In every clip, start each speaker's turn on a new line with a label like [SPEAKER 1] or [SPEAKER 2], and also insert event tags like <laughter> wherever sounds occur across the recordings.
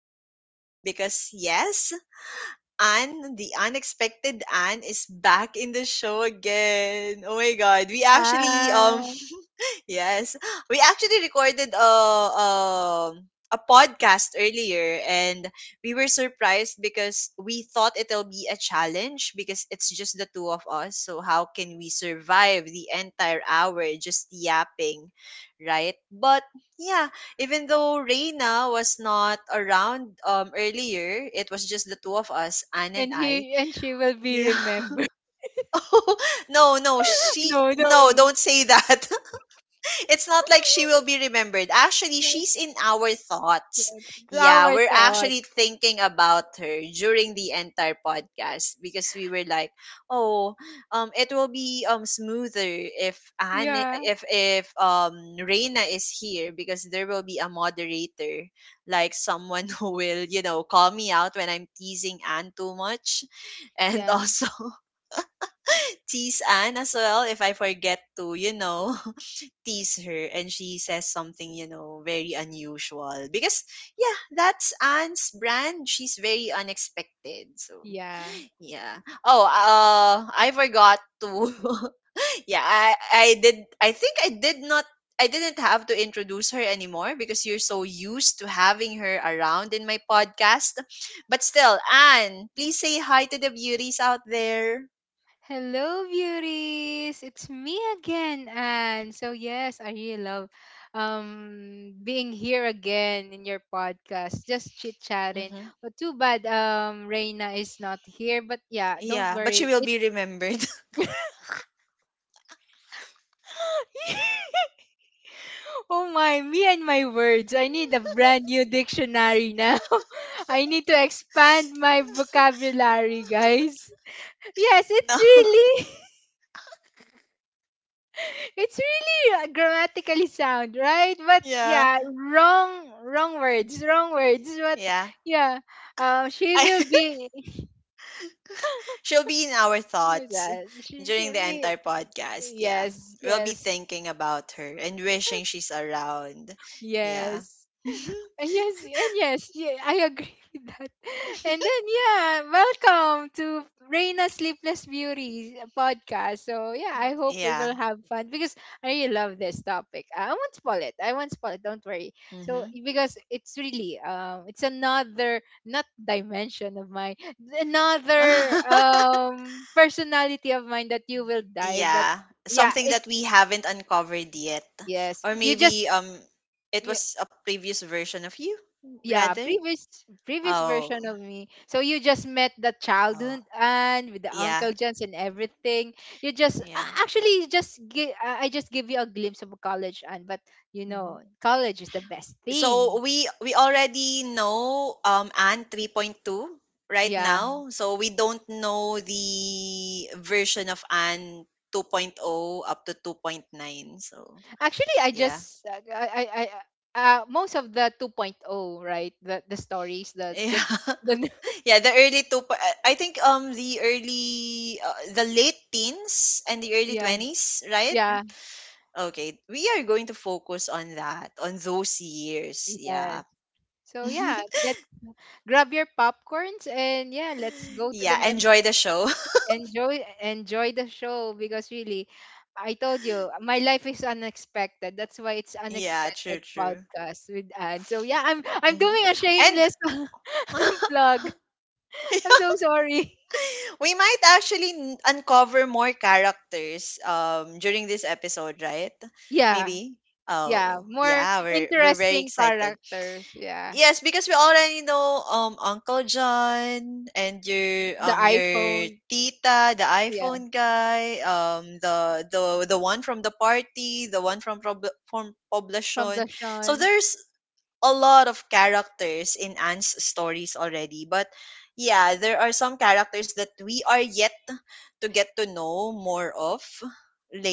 [SPEAKER 1] episode because, yes, Anne, the unexpected Anne, is back in the show again. Oh my God. We actually,
[SPEAKER 2] Ah,
[SPEAKER 1] <laughs> yes, we actually recorded a podcast earlier and we were surprised because we thought it'll be a challenge because it's just the two of us. So, how can we survive the entire hour just yapping, right? But yeah, even though Reina was not around earlier, it was just the two of us, Anne and
[SPEAKER 2] and
[SPEAKER 1] I.
[SPEAKER 2] he and she will be
[SPEAKER 1] Yeah. <laughs>
[SPEAKER 2] remembered.
[SPEAKER 1] Oh, no, no,
[SPEAKER 2] <laughs>
[SPEAKER 1] she
[SPEAKER 2] no,
[SPEAKER 1] no,
[SPEAKER 2] no.
[SPEAKER 1] don't say that, it's not like she will
[SPEAKER 2] <laughs>
[SPEAKER 1] be remembered. Actually, she's
[SPEAKER 2] That's
[SPEAKER 1] in our thoughts.
[SPEAKER 2] good. It's
[SPEAKER 1] Yeah,
[SPEAKER 2] our
[SPEAKER 1] we're
[SPEAKER 2] thought.
[SPEAKER 1] actually thinking about her during the entire podcast because we were like, oh, it will be smoother if Anne,
[SPEAKER 2] Yeah.
[SPEAKER 1] if Reina is here because there will be a moderator, like someone <laughs> who will call me out when I'm teasing Anne too much, and
[SPEAKER 2] Yeah.
[SPEAKER 1] also <laughs> tease Anne as well if I forget to <laughs> tease her and she says something, you know, very unusual. Because, yeah, that's Anne's brand. She's very unexpected. So,
[SPEAKER 2] Yeah.
[SPEAKER 1] yeah. Oh, I forgot to. <laughs> yeah, I did. I think I did not. I didn't have to introduce her anymore because you're so used to having her around in my podcast. But still, Anne, please say hi to the beauties out there.
[SPEAKER 2] Hello, beauties. It's me again, Anne. So yes, I really love being here again in your podcast, just chit chatting.
[SPEAKER 1] hmm
[SPEAKER 2] But too bad Reina is not here. But yeah, don't
[SPEAKER 1] Yeah, but she
[SPEAKER 2] worry.
[SPEAKER 1] will
[SPEAKER 2] It
[SPEAKER 1] be remembered.
[SPEAKER 2] <laughs> Oh my, me and my words. I need a brand new dictionary
[SPEAKER 1] <laughs>
[SPEAKER 2] now.
[SPEAKER 1] yeah.
[SPEAKER 2] <laughs> I need to expand my vocabulary,
[SPEAKER 1] <laughs>
[SPEAKER 2] guys. Yes,
[SPEAKER 1] No.
[SPEAKER 2] it's
[SPEAKER 1] <laughs>
[SPEAKER 2] really <laughs> it's really grammatically sound, right? But
[SPEAKER 1] Yeah.
[SPEAKER 2] yeah, wrong words, wrong words. But
[SPEAKER 1] Yeah.
[SPEAKER 2] yeah, she
[SPEAKER 1] I
[SPEAKER 2] will
[SPEAKER 1] <laughs>
[SPEAKER 2] be <laughs>
[SPEAKER 1] she'll be in our
[SPEAKER 2] who's
[SPEAKER 1] thoughts
[SPEAKER 2] that? She
[SPEAKER 1] during
[SPEAKER 2] she'll
[SPEAKER 1] the
[SPEAKER 2] be
[SPEAKER 1] entire podcast. Yeah.
[SPEAKER 2] yes,
[SPEAKER 1] We'll be
[SPEAKER 2] yes.
[SPEAKER 1] thinking about her and wishing she's around. Yeah.
[SPEAKER 2] Yes.
[SPEAKER 1] <laughs>
[SPEAKER 2] And yes, yeah, I agree <laughs> with that. And then yeah, welcome to Reina Sleepless Beauty podcast. So yeah, I hope we
[SPEAKER 1] yeah.
[SPEAKER 2] will have fun because I really love this topic. I won't spoil it. I won't spoil it. Don't worry. So
[SPEAKER 1] Mhm.
[SPEAKER 2] because it's really it's another not dimension of mine, another
[SPEAKER 1] <laughs>
[SPEAKER 2] personality of mine that you will dive. That
[SPEAKER 1] yeah.
[SPEAKER 2] yeah,
[SPEAKER 1] Something
[SPEAKER 2] it
[SPEAKER 1] that we haven't uncovered yet.
[SPEAKER 2] yes,
[SPEAKER 1] Or
[SPEAKER 2] you just.
[SPEAKER 1] maybe it
[SPEAKER 2] Yeah.
[SPEAKER 1] was a previous version of you
[SPEAKER 2] yeah
[SPEAKER 1] rather.
[SPEAKER 2] previous previous
[SPEAKER 1] Oh.
[SPEAKER 2] version of me, so you just met the
[SPEAKER 1] Oh.
[SPEAKER 2] childhood and with the
[SPEAKER 1] Yeah.
[SPEAKER 2] uncle johns and everything. you just a-
[SPEAKER 1] Yeah.
[SPEAKER 2] actually you just gi- I just give you a glimpse of college, and but you
[SPEAKER 1] Mm-hmm.
[SPEAKER 2] know college is the best
[SPEAKER 1] So
[SPEAKER 2] thing.
[SPEAKER 1] we already know Anne 3.2 right
[SPEAKER 2] Yeah,
[SPEAKER 1] now. So we don't know the version of Anne 2.0 up to 2.9. So
[SPEAKER 2] actually I
[SPEAKER 1] yeah. <laughs>
[SPEAKER 2] just I most of the 2.0, right? The stories, the
[SPEAKER 1] Yeah.
[SPEAKER 2] the, the <laughs>
[SPEAKER 1] yeah, the early two po- I think the early the late teens and the early
[SPEAKER 2] yeah
[SPEAKER 1] 20s, right?
[SPEAKER 2] yeah
[SPEAKER 1] Okay. We are going to focus on that, on those years.
[SPEAKER 2] yes
[SPEAKER 1] Yeah.
[SPEAKER 2] so yeah let grab your popcorns and yeah let's
[SPEAKER 1] <laughs>
[SPEAKER 2] go to the
[SPEAKER 1] yeah,
[SPEAKER 2] mem.
[SPEAKER 1] enjoy the show.
[SPEAKER 2] Enjoy the show because really I told you my life is unexpected, that's why it's
[SPEAKER 1] <laughs> yeah, true,
[SPEAKER 2] unexpected
[SPEAKER 1] true.
[SPEAKER 2] podcast with Anne. So yeah, I'm
[SPEAKER 1] Hmm
[SPEAKER 2] doing a
[SPEAKER 1] and
[SPEAKER 2] shameless <laughs>
[SPEAKER 1] <laughs>
[SPEAKER 2] plug. I'm so sorry.
[SPEAKER 1] we might actually uncover more characters during this episode, right?
[SPEAKER 2] Yeah,
[SPEAKER 1] Maybe.
[SPEAKER 2] yeah,
[SPEAKER 1] Oh,
[SPEAKER 2] more
[SPEAKER 1] yeah, we're very
[SPEAKER 2] interesting
[SPEAKER 1] excited.
[SPEAKER 2] characters, yeah.
[SPEAKER 1] Yes, because we already know Uncle John and
[SPEAKER 2] The
[SPEAKER 1] your
[SPEAKER 2] iPhone,
[SPEAKER 1] tita, the
[SPEAKER 2] yeah,
[SPEAKER 1] iPhone guy, the one from the party, the one from from
[SPEAKER 2] from the
[SPEAKER 1] Poblacion. So
[SPEAKER 2] sean.
[SPEAKER 1] there's a lot of characters in Anne's stories already. But yeah, there are some characters that we are yet to get to know more of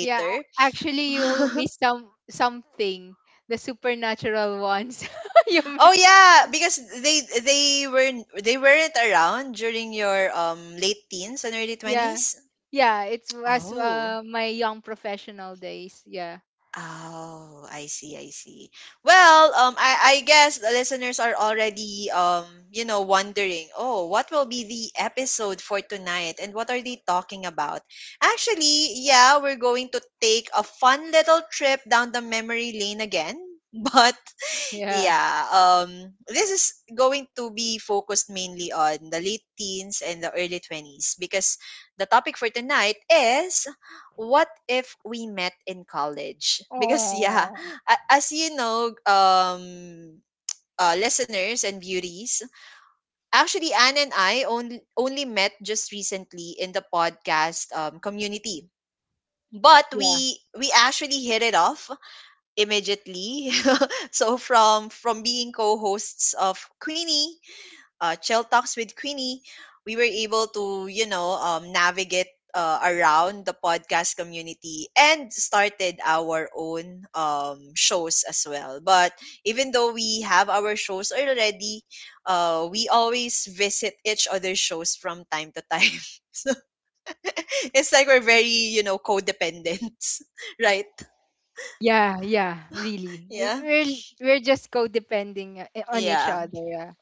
[SPEAKER 2] yeah a- actually
[SPEAKER 1] <laughs>
[SPEAKER 2] you missed something, the supernatural ones. <laughs> you mi-
[SPEAKER 1] oh yeah, because they weren't around during your late teens and early
[SPEAKER 2] yeah
[SPEAKER 1] 20s.
[SPEAKER 2] Yeah, it's as
[SPEAKER 1] Oh.
[SPEAKER 2] my young professional days. Yeah.
[SPEAKER 1] Oh, I see, I see. Well, I guess the listeners are already, wondering, oh, what will be the episode for tonight and what are they talking about? Actually, yeah, we're going to take a fun little trip down the memory lane again, <laughs> but
[SPEAKER 2] Yeah.
[SPEAKER 1] yeah, this is going to be focused mainly on the late teens and the early 20s because the topic for tonight is: what if we met in college? <laughs> Because, yeah,
[SPEAKER 2] Oh.
[SPEAKER 1] as you know, listeners and beauties, actually, Anne and I only met just recently in the podcast community. But
[SPEAKER 2] Yeah.
[SPEAKER 1] we actually hit it off immediately. <laughs> So from being co-hosts of Queenie, Chill Talks with Queenie, we were able to navigate around the podcast community and started our own shows as well. But even though we have our shows already, we always visit each other's shows from time to time. <laughs> So <laughs> it's like we're very, you know, codependent, <laughs> right?
[SPEAKER 2] Yeah, yeah, really. We're
[SPEAKER 1] Yeah.
[SPEAKER 2] we're we're just co-depending on each
[SPEAKER 1] Yeah.
[SPEAKER 2] other. Yeah.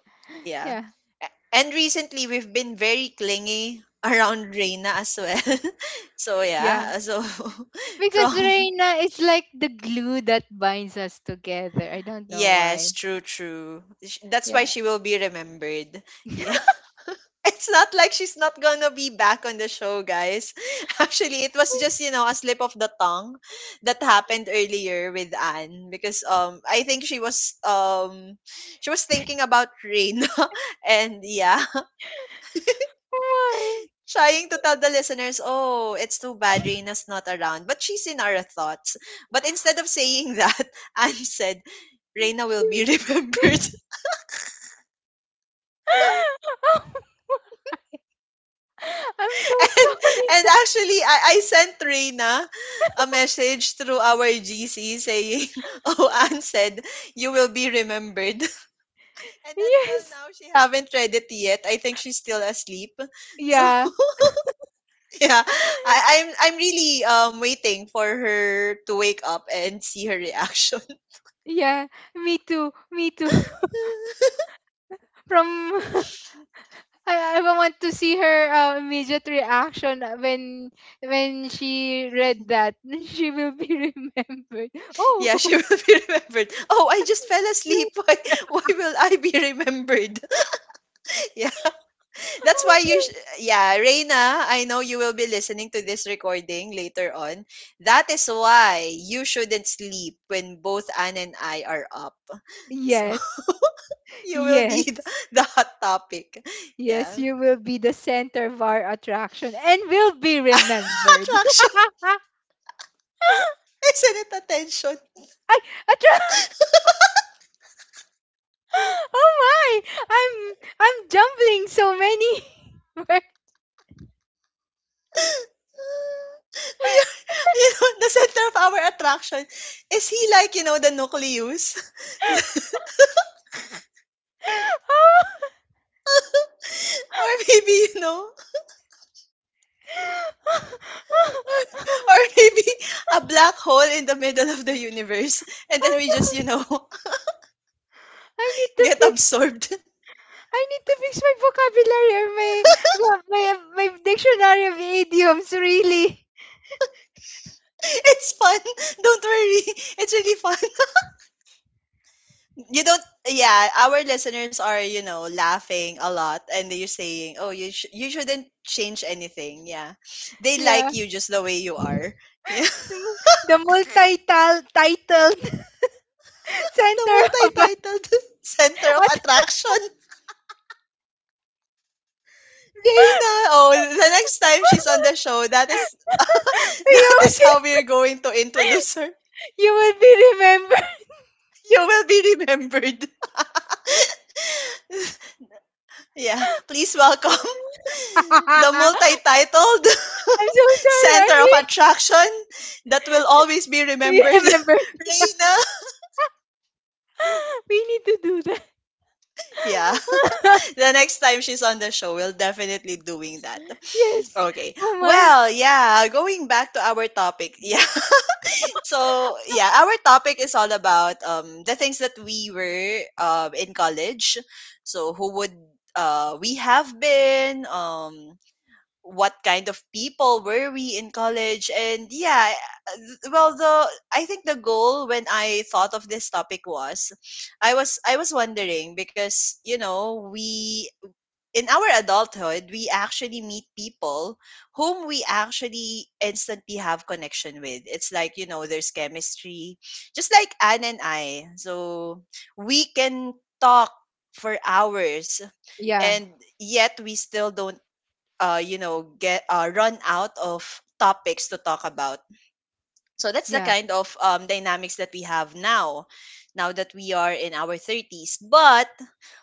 [SPEAKER 1] Yeah.
[SPEAKER 2] Yeah.
[SPEAKER 1] And recently we've been very clingy <laughs> around Reina as well. <laughs> So
[SPEAKER 2] Yeah.
[SPEAKER 1] yeah, so <laughs>
[SPEAKER 2] Because
[SPEAKER 1] from
[SPEAKER 2] Reina is like the glue that binds us together. I don't know why.
[SPEAKER 1] yes, true, true. That's why
[SPEAKER 2] Yeah.
[SPEAKER 1] she will be remembered. Yeah. <laughs>
[SPEAKER 2] <laughs>
[SPEAKER 1] It's not like she's not gonna be back on the show, guys. <laughs> Actually, it was just, you know, a slip of the tongue that happened earlier with Anne because I think she was thinking about Reina <laughs> and yeah
[SPEAKER 2] Why?
[SPEAKER 1] trying to tell the listeners, oh, it's too bad Reina's not around, but she's in our thoughts. But instead of saying that, <laughs> Anne said, Reina will
[SPEAKER 2] She-
[SPEAKER 1] be <laughs> remembered.
[SPEAKER 2] <laughs> I'm so
[SPEAKER 1] <laughs> and and
[SPEAKER 2] sorry.
[SPEAKER 1] actually I sent Reina a message through our GC saying, <laughs> oh, Anne said, you will be remembered. <laughs> And until
[SPEAKER 2] Yes.
[SPEAKER 1] now she haven't read it yet. I think she's still asleep. So
[SPEAKER 2] Yeah.
[SPEAKER 1] <laughs> yeah.
[SPEAKER 2] <laughs>
[SPEAKER 1] I'm really waiting for her to wake up and see her reaction.
[SPEAKER 2] Yeah. Me too. Me too. From <laughs> I want to see her immediate reaction when she read that <laughs> she will be remembered. Oh,
[SPEAKER 1] Yeah,
[SPEAKER 2] <laughs>
[SPEAKER 1] she will <laughs> be remembered. Oh, I just fell
[SPEAKER 2] you-
[SPEAKER 1] asleep. <laughs> Why will I be remembered? <laughs> Yeah,
[SPEAKER 2] I'm
[SPEAKER 1] that's why you.
[SPEAKER 2] so-
[SPEAKER 1] Yeah, Reina, I know you will be listening to this recording later on. That is why you shouldn't sleep when both Anne and I are up. <laughs> So <laughs>
[SPEAKER 2] yes,
[SPEAKER 1] you will be
[SPEAKER 2] yes,
[SPEAKER 1] the hot topic.
[SPEAKER 2] yes.
[SPEAKER 1] Yeah,
[SPEAKER 2] You will be the center of our attraction and will be
[SPEAKER 1] <laughs>
[SPEAKER 2] remembered.
[SPEAKER 1] attraction,
[SPEAKER 2] <laughs>
[SPEAKER 1] isn't it attention?
[SPEAKER 2] I attra- <laughs> Oh my! I'm I'm jumbling so many <laughs> words.
[SPEAKER 1] <laughs> We are, <laughs> you know, the center of our attraction. Is he like, you know, the nucleus? <laughs>
[SPEAKER 2] Oh,
[SPEAKER 1] Or maybe, you know, <laughs> or, or maybe a black hole in the middle of the universe.
[SPEAKER 2] <laughs>
[SPEAKER 1] And then
[SPEAKER 2] I
[SPEAKER 1] we
[SPEAKER 2] know.
[SPEAKER 1] just, you know, <laughs>
[SPEAKER 2] I need to
[SPEAKER 1] get
[SPEAKER 2] fix
[SPEAKER 1] absorbed. <laughs>
[SPEAKER 2] I need to fix my vocabulary, or my dictionary of idioms really.
[SPEAKER 1] It's fun. Don't worry. It's really fun. <laughs> You don't, yeah, our listeners are, you know, laughing a lot. And they're saying, oh, you shouldn't change anything. Yeah. They
[SPEAKER 2] Yeah.
[SPEAKER 1] like you just the way you are. <laughs> Yeah.
[SPEAKER 2] Sm- the multi-titled <laughs>
[SPEAKER 1] The
[SPEAKER 2] center of a-
[SPEAKER 1] multi-titled <laughs> center of
[SPEAKER 2] at,
[SPEAKER 1] attraction. Reina. Oh, the next time she's on the
[SPEAKER 2] <laughs>
[SPEAKER 1] show, that is <laughs> that
[SPEAKER 2] you,
[SPEAKER 1] is how
[SPEAKER 2] will-
[SPEAKER 1] we're going to introduce her.
[SPEAKER 2] you will be remembered.
[SPEAKER 1] You will be remembered. <laughs> yeah. Please welcome <laughs> the
[SPEAKER 2] <laughs>
[SPEAKER 1] multi-titled
[SPEAKER 2] I'm so
[SPEAKER 1] <laughs>
[SPEAKER 2] sorry.
[SPEAKER 1] center
[SPEAKER 2] I'm
[SPEAKER 1] of
[SPEAKER 2] re-
[SPEAKER 1] attraction that will always be
[SPEAKER 2] re-
[SPEAKER 1] remembered. <laughs>
[SPEAKER 2] remembered. <laughs>
[SPEAKER 1] Reina.
[SPEAKER 2] We need to do that.
[SPEAKER 1] Yeah. <laughs> The next time she's on the show, we'll definitely doing that.
[SPEAKER 2] <laughs> Yes.
[SPEAKER 1] Okay.
[SPEAKER 2] Oh my.
[SPEAKER 1] Well, yeah, going back to our topic. <laughs> Yeah. So yeah, our topic is all about the things that we were in college. So who would we have been what kind of people were we in college, and yeah well, the, I think the goal when I thought of this topic was I was wondering because you know we, in our adulthood, we actually meet people whom we actually instantly have connection with. It's like, you know, there's chemistry, just like Anne and I. So we can talk for hours
[SPEAKER 2] Yeah.
[SPEAKER 1] and yet we still don't, get run out of topics to talk about. So that's the
[SPEAKER 2] Yeah.
[SPEAKER 1] kind of dynamics that we have now that we are in our 30s. But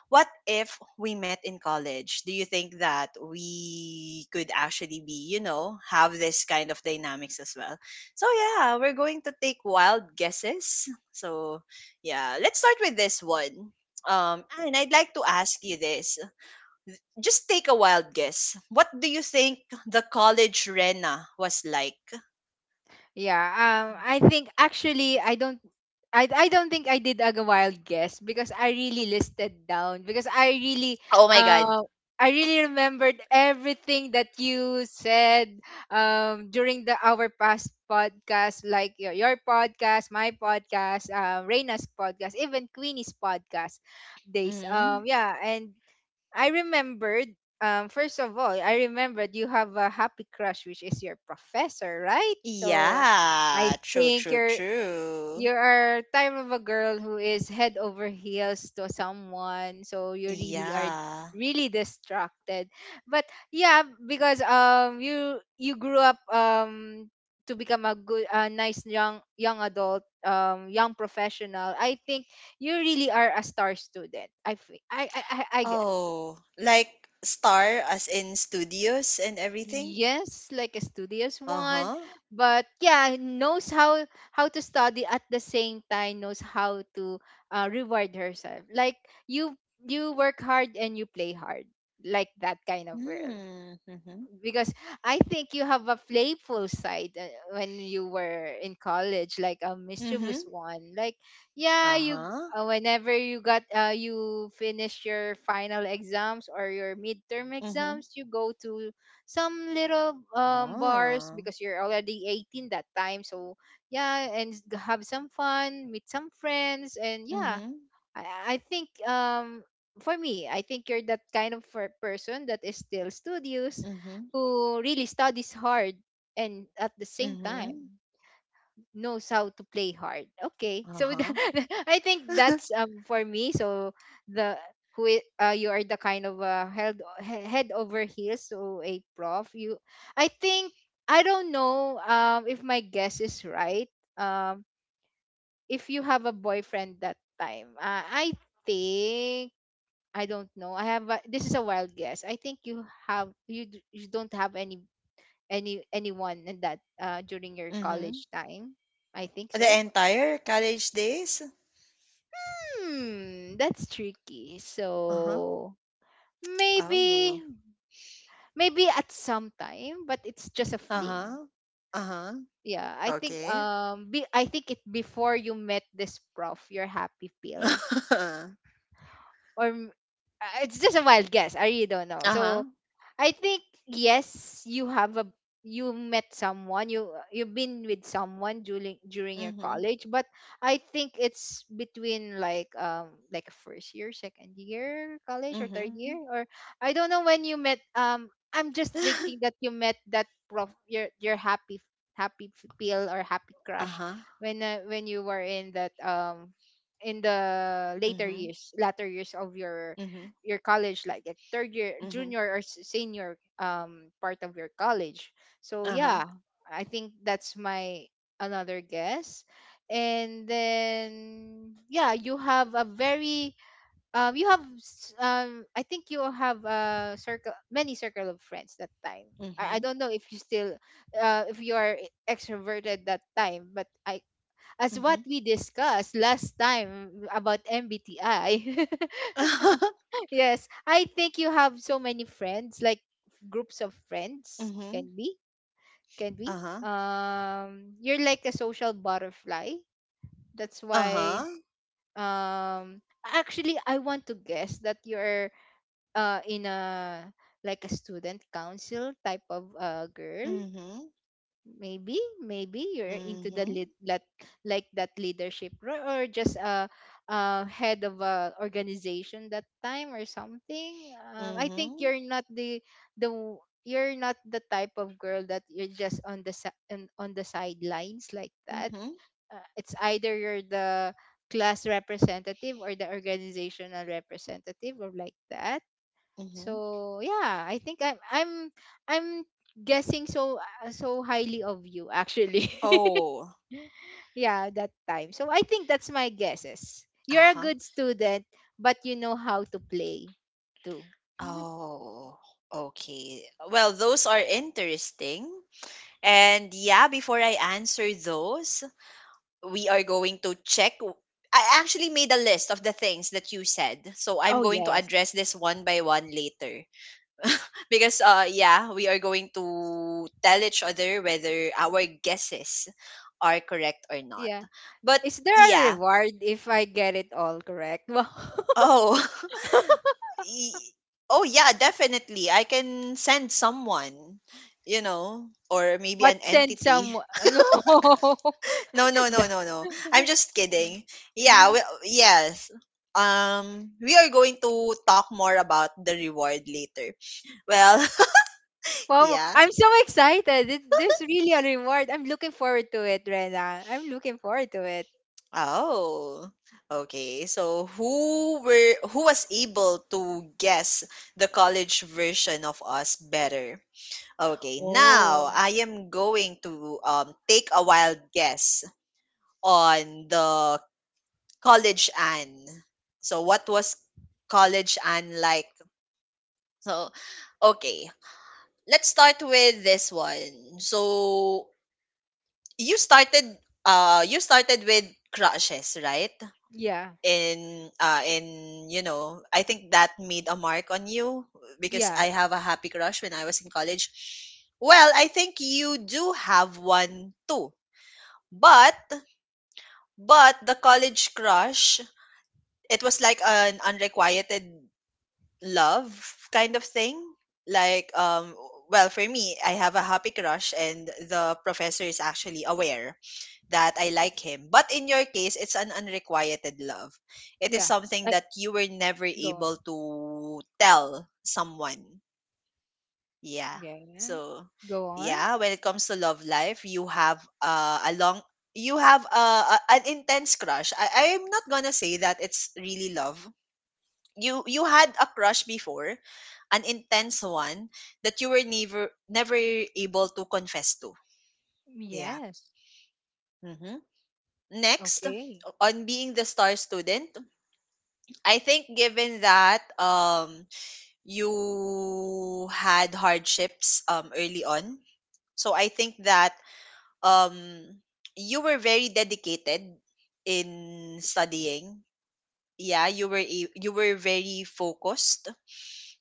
[SPEAKER 1] what if we met in college? Do you think that we could actually be, you know, have this kind of dynamics as well? So yeah, we're going to take wild guesses. So yeah, let's start with this one. And I'd like to ask you this. Just take a wild guess. What do you think the college Rena was like?
[SPEAKER 2] Yeah, I think actually I don't, I don't think I did a wild guess because I really listed down because
[SPEAKER 1] Oh my God.
[SPEAKER 2] uh, I really remembered everything that you said during the our past podcast, like your podcast, my podcast, Reina's podcast, even Queenie's podcast days.
[SPEAKER 1] hmm
[SPEAKER 2] Yeah, and I remembered. First of all, I remembered you have a happy crush, which is your professor, right? So I
[SPEAKER 1] Yeah, true,
[SPEAKER 2] think
[SPEAKER 1] true, true.
[SPEAKER 2] you are type of a girl who is head over heels to someone, so you really are
[SPEAKER 1] Yeah.
[SPEAKER 2] really distracted. But yeah, because you grew up to become a good a nice young adult, young professional. I think you really are a star student. I fe- I
[SPEAKER 1] Oh, like star as in studios and everything?
[SPEAKER 2] Yes, like a studious one,
[SPEAKER 1] Uh-huh.
[SPEAKER 2] but yeah, knows how to study at the same time, knows how to reward herself. Like you you work hard and you play hard, like that kind of world,
[SPEAKER 1] Mm, mhm.
[SPEAKER 2] because I think you have a playful side when you were in college, like a mischievous
[SPEAKER 1] Mhm.
[SPEAKER 2] one. Like, yeah, you
[SPEAKER 1] Uh-huh.
[SPEAKER 2] whenever you got you finish your final exams or your midterm
[SPEAKER 1] Mhm.
[SPEAKER 2] exams, you go to some little bars
[SPEAKER 1] Oh.
[SPEAKER 2] because you're already 18 that time. So yeah, and s- have some fun, meet some friends, and yeah,
[SPEAKER 1] Mhm.
[SPEAKER 2] I think for me, I think you're that kind of per- person that is still studious,
[SPEAKER 1] Mhm.
[SPEAKER 2] who really studies hard and at the same
[SPEAKER 1] Mhm.
[SPEAKER 2] time knows how to play hard. Okay, so <laughs>
[SPEAKER 1] Uh-huh.
[SPEAKER 2] that, I think
[SPEAKER 1] <laughs>
[SPEAKER 2] that's for me. So the who I- you are the kind of held he- head over heels so a prof you, I think, I don't know if my guess is right, um if you have a boyfriend that time. Think I don't know. I have a, this is a wild guess. I think you have you d- you don't have any anyone in that during your college
[SPEAKER 1] Mhm.
[SPEAKER 2] time. I think
[SPEAKER 1] The
[SPEAKER 2] so.
[SPEAKER 1] entire college days?
[SPEAKER 2] Hmm, that's tricky.
[SPEAKER 1] Uh-huh.
[SPEAKER 2] So
[SPEAKER 1] Oh.
[SPEAKER 2] maybe at some time, but it's just a fling.
[SPEAKER 1] Uh-huh. Uh-huh.
[SPEAKER 2] Yeah, I think
[SPEAKER 1] Okay.
[SPEAKER 2] I think it before you met this prof, your happy pill
[SPEAKER 1] <laughs>
[SPEAKER 2] or m- it's just a wild guess. I really don't know. So
[SPEAKER 1] Uh-huh.
[SPEAKER 2] I think yes, you have a you met someone, you've been with someone during your
[SPEAKER 1] Mhm.
[SPEAKER 2] college, but I think it's between like first year, second year college or third
[SPEAKER 1] Mhm.
[SPEAKER 2] year, or I don't know when you met. I'm just thinking
[SPEAKER 1] <laughs>
[SPEAKER 2] that you met that prof, your happy happy feel or happy crush
[SPEAKER 1] Uh-huh.
[SPEAKER 2] when you were in that in the later
[SPEAKER 1] Mhm.
[SPEAKER 2] years, latter years of your
[SPEAKER 1] Mhm.
[SPEAKER 2] college, like at third year
[SPEAKER 1] Mhm.
[SPEAKER 2] junior or s- senior part of your college. So
[SPEAKER 1] Uh-huh.
[SPEAKER 2] yeah, I think that's my another guess. And then yeah, you have a very you have s- I think you have a circle, many circle of friends that time. I
[SPEAKER 1] Mhm.
[SPEAKER 2] don't know if you still if you are extroverted that time, but i, as what
[SPEAKER 1] Mhm.
[SPEAKER 2] we discussed last time about MBTI. <laughs>
[SPEAKER 1] <laughs>
[SPEAKER 2] Yes, I think you have so many friends, like groups of friends.
[SPEAKER 1] Mhm.
[SPEAKER 2] Can be, can be.
[SPEAKER 1] Uh-huh.
[SPEAKER 2] You're like a social butterfly. That's why.
[SPEAKER 1] Uh-huh.
[SPEAKER 2] Actually, I want to guess that you're in a like a student council type of girl.
[SPEAKER 1] Mhm.
[SPEAKER 2] Maybe you're into the
[SPEAKER 1] Mhm.
[SPEAKER 2] lead, that like that leadership role, or just a head of a organization that time or something. I think
[SPEAKER 1] Mhm.
[SPEAKER 2] you're not the the w- you're not the type of girl that you're just on the si- on the sidelines like that.
[SPEAKER 1] Mhm.
[SPEAKER 2] It's either you're the class representative or the organizational representative or like that.
[SPEAKER 1] Mhm.
[SPEAKER 2] So yeah, I think I'm guessing so so highly of you actually. <laughs>
[SPEAKER 1] Oh.
[SPEAKER 2] Yeah, that time. So I think that's my guesses. You're a
[SPEAKER 1] Uh-huh.
[SPEAKER 2] good student, but you know how to play too. <laughs>
[SPEAKER 1] Oh. Okay. Well, those are interesting. And yeah, before I answer those, we are going to check, I actually made a list of the things that you said. So I'm
[SPEAKER 2] Oh
[SPEAKER 1] going to
[SPEAKER 2] yes.
[SPEAKER 1] address this one by one later. Because yeah, we are going to tell each other whether our guesses are correct or not.
[SPEAKER 2] Yeah.
[SPEAKER 1] But
[SPEAKER 2] Is there a
[SPEAKER 1] yeah.
[SPEAKER 2] reward if I get it all correct? <laughs> Wow.
[SPEAKER 1] Oh. <laughs> Y- oh yeah, definitely. I can send someone, you know, or maybe
[SPEAKER 2] What
[SPEAKER 1] an
[SPEAKER 2] send
[SPEAKER 1] entity.
[SPEAKER 2] some <laughs> no.
[SPEAKER 1] <laughs> No,
[SPEAKER 2] <laughs>
[SPEAKER 1] no, no, no, no. I'm
[SPEAKER 2] The-
[SPEAKER 1] just kidding. Yeah,
[SPEAKER 2] <laughs>
[SPEAKER 1] well, yes. We are going to talk more about the reward later. Well, <laughs>
[SPEAKER 2] Wow,
[SPEAKER 1] yeah.
[SPEAKER 2] I'm so excited. It, there's really a reward. I'm looking forward to it, Rena. I'm looking forward to it.
[SPEAKER 1] Oh. Okay. So who was able to guess the college version of us better? Okay,
[SPEAKER 2] Oh,
[SPEAKER 1] now I am going to take a wild guess on the college Anne. So, what was college Anne like? So, okay, let's start with this one. So, you started, you started with crushes, right?
[SPEAKER 2] yeah,
[SPEAKER 1] In you know, I think that made a mark on you because
[SPEAKER 2] yeah,
[SPEAKER 1] I have a happy crush when I was in college. Well, I think you do have one too. But but the college crush, it was like an unrequited love kind of thing. Like um well, for me, I have a happy crush and the professor is actually aware that I like him. But in your case, it's an unrequited love. It is
[SPEAKER 2] yeah.
[SPEAKER 1] something
[SPEAKER 2] I,
[SPEAKER 1] that you were never
[SPEAKER 2] go on.
[SPEAKER 1] able to tell someone. Yeah.
[SPEAKER 2] Yeah,
[SPEAKER 1] So,
[SPEAKER 2] go on.
[SPEAKER 1] yeah, when it comes to love life, you have a long you have a an intense crush. I'm not gonna say that it's really love. You had a crush before, an intense one that you were never able to confess to. Yeah.
[SPEAKER 2] Yes.
[SPEAKER 1] Mm-hmm. Next,
[SPEAKER 2] Okay.
[SPEAKER 1] on being the star student, I think given that you had hardships early on, so I think that um you were very dedicated in studying, yeah, you were you were very focused.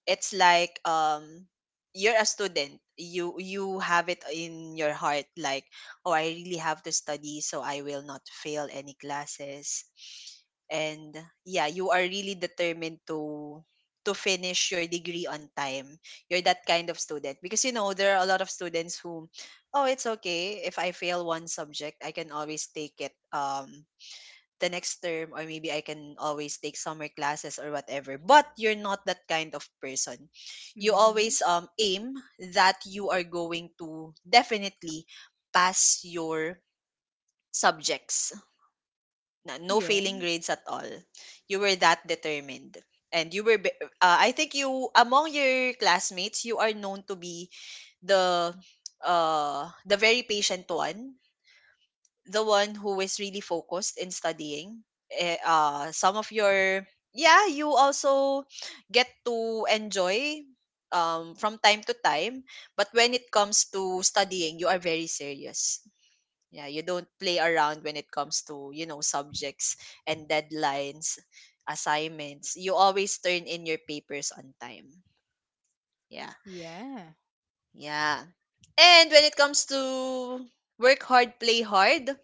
[SPEAKER 1] It's like you're a student. You have it in your heart like, oh, I really have to study so I will not fail any classes. And yeah, you are really determined to finish your degree on time. You're that kind of student because you know there are a lot of students who, oh, it's okay if I fail one subject, I can always take it the next term or maybe I can always take summer classes or whatever. But you're not that kind of person. You
[SPEAKER 2] Mm-hmm.
[SPEAKER 1] always aim that you are going to definitely pass your subjects. No
[SPEAKER 2] Yeah.
[SPEAKER 1] failing grades at all. You were that determined. And you were, I think you, among your classmates, you are known to be the, the very patient one, the one who is really focused in studying. Some of your, yeah, you also get to enjoy, from time to time. But when it comes to studying, you are very serious. Yeah, you don't play around when it comes to you know subjects and deadlines, assignments. You always turn in your papers on time. Yeah,
[SPEAKER 2] Yeah.
[SPEAKER 1] yeah. And when it comes to work hard, play hard,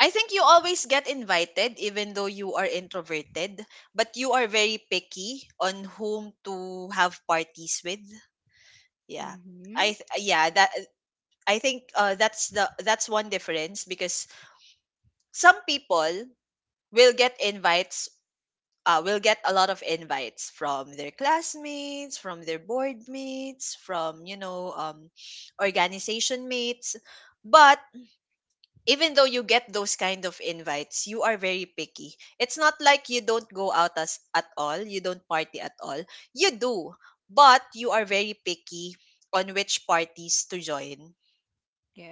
[SPEAKER 1] I think you always get invited even though you are introverted, but you are very picky on whom to have parties with. Yeah.
[SPEAKER 2] Mm-hmm.
[SPEAKER 1] Yeah, that I think that's one difference because some people will get invites, will get a lot of invites from their classmates, from their board mates, from organization mates, but even though you get those kind of invites, you are very picky. It's not like you don't go out as at all, you don't party at all. You do, but you are very picky on which parties to join.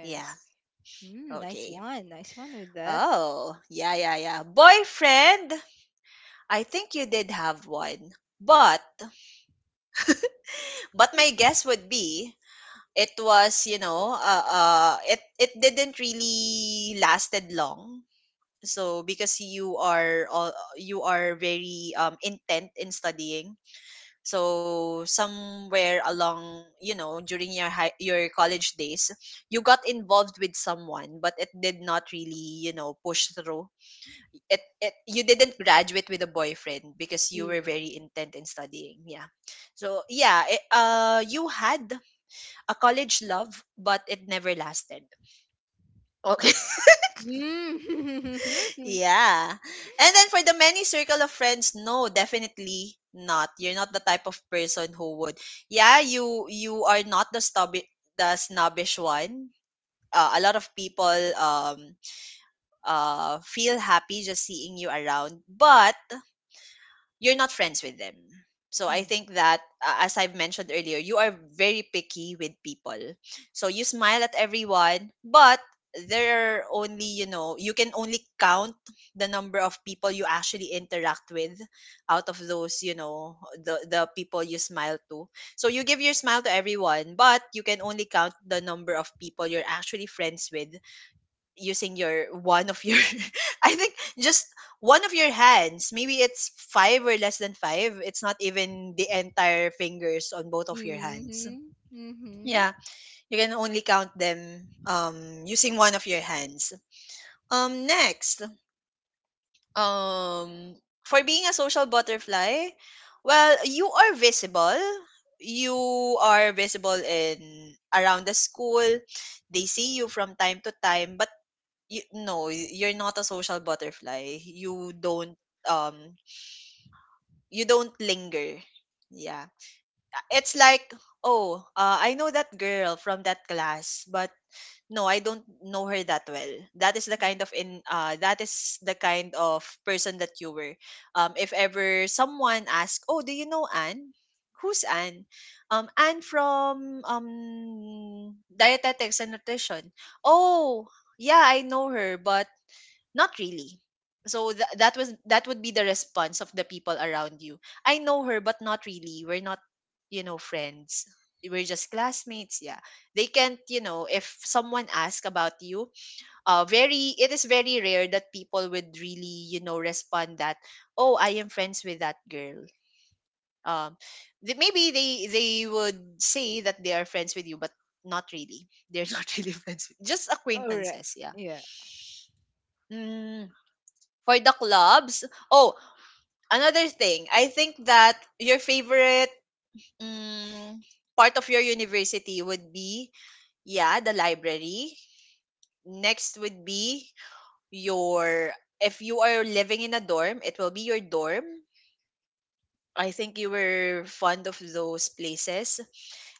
[SPEAKER 1] Yeah.
[SPEAKER 2] Mm, nice
[SPEAKER 1] Okay.
[SPEAKER 2] one. Nice one with that.
[SPEAKER 1] Oh, yeah, yeah, yeah. Boyfriend, I think you did have one. But my
[SPEAKER 2] <laughs>
[SPEAKER 1] guess would be, it was, it didn't really lasted long, so because you are all you are very intent in studying, so somewhere along you know during your your college days you got involved with someone but it did not really you know push through. It you didn't graduate with a boyfriend because you were
[SPEAKER 2] Yeah.
[SPEAKER 1] very intent in studying, yeah, so yeah you had a college love but it never lasted.
[SPEAKER 2] Mm.
[SPEAKER 1] Yeah. And then for the many circle of friends, no, definitely not. You're not the type of person who would. Yeah, you are not the stubby, the snobbish one. A lot of people feel happy just seeing you around, but you're not friends with them. So I think
[SPEAKER 2] <laughs>
[SPEAKER 1] that as I've mentioned earlier, you are very picky with people. So you smile at everyone, but there are only, you know, you can only count the number of people you actually interact with out of those, you know, the people you smile to. So you give your smile to everyone, but you can only count the number of people you're actually friends with using your one of your <laughs> I think just one of your hands. Maybe it's five or less than five. It's not even the entire fingers on both of your hands.
[SPEAKER 2] Mm-hmm. Mm-hmm.
[SPEAKER 1] Yeah, you can only count them using one of your hands. Next, um for being a social butterfly, well, you are visible. You are visible in around the school. They see you from time to time, but no, you're not a social butterfly. You don't um linger. Yeah. It's like, oh, I know that girl from that class, but no, I don't know her that well. That is the kind of in that is the kind of person that you were. If ever someone asks, "Oh, do you know Anne?" Who's Anne? Anne from dietetics and nutrition. Oh, yeah, I know her, but not really. So that would be the response of the people around you. I know her but not really. We're not, you know, friends. We're just classmates, yeah. They can't, you know, if someone asks about you, very it is very rare that people would really, you know, respond that, "Oh, I am friends with that girl." Um maybe they would say that they are friends with you but not really. They're <laughs> not really friends. Just
[SPEAKER 2] All right.
[SPEAKER 1] acquaintances, yeah.
[SPEAKER 2] Yeah.
[SPEAKER 1] Mm. For the clubs, oh, another thing, I think that your favorite, mm, part of your university would be, yeah, the library. Next would be your, if you are living in a dorm, it will be your dorm. I think you were fond of those places,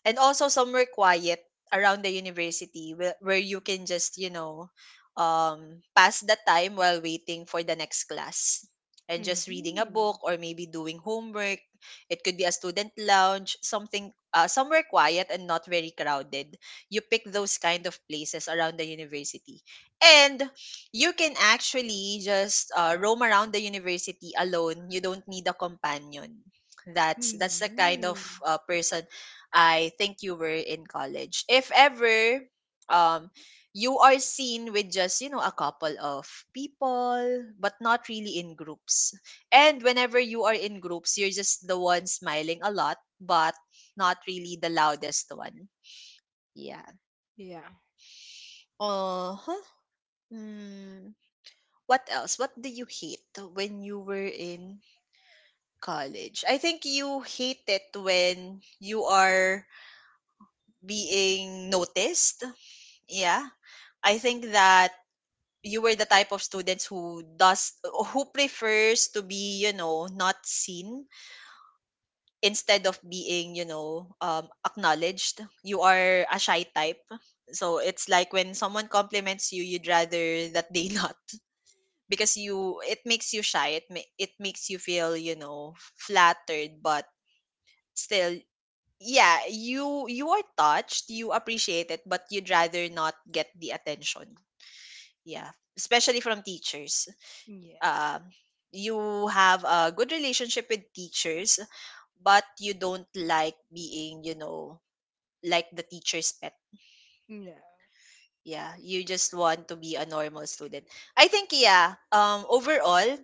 [SPEAKER 1] and also somewhere quiet around the university where you can just you know pass the time while waiting for the next class and just reading a
[SPEAKER 2] Mm-hmm.
[SPEAKER 1] book or maybe doing homework. It could be a student lounge, something somewhere quiet and not very crowded. You pick those kind of places around the university, and you can actually just roam around the university alone. You don't need a companion. That's the kind
[SPEAKER 2] Mm-hmm.
[SPEAKER 1] of person I think you were in college. If ever um you are seen with just, you know, a couple of people, but not really in groups. And whenever you are in groups, you're just the one smiling a lot, but not really the loudest one. Yeah.
[SPEAKER 2] Yeah.
[SPEAKER 1] Uh-huh. Mm. What else? What do you hate when you were in college? I think you hate it when you are being noticed. Yeah. I think that you were the type of students who prefers to be you know not seen instead of being you know acknowledged. You are a shy type, so it's like when someone compliments you you'd rather that they <laughs> not, because you it makes you shy. It makes you feel you know flattered but still, yeah, you are touched, you appreciate it, but you'd rather not get the attention, yeah, especially from teachers.
[SPEAKER 2] Yeah.
[SPEAKER 1] um, you have a good relationship with teachers, but you don't like being, you know, like the teacher's pet.
[SPEAKER 2] Yeah.
[SPEAKER 1] Yeah, you just want to be a normal student. I think yeah. Overall,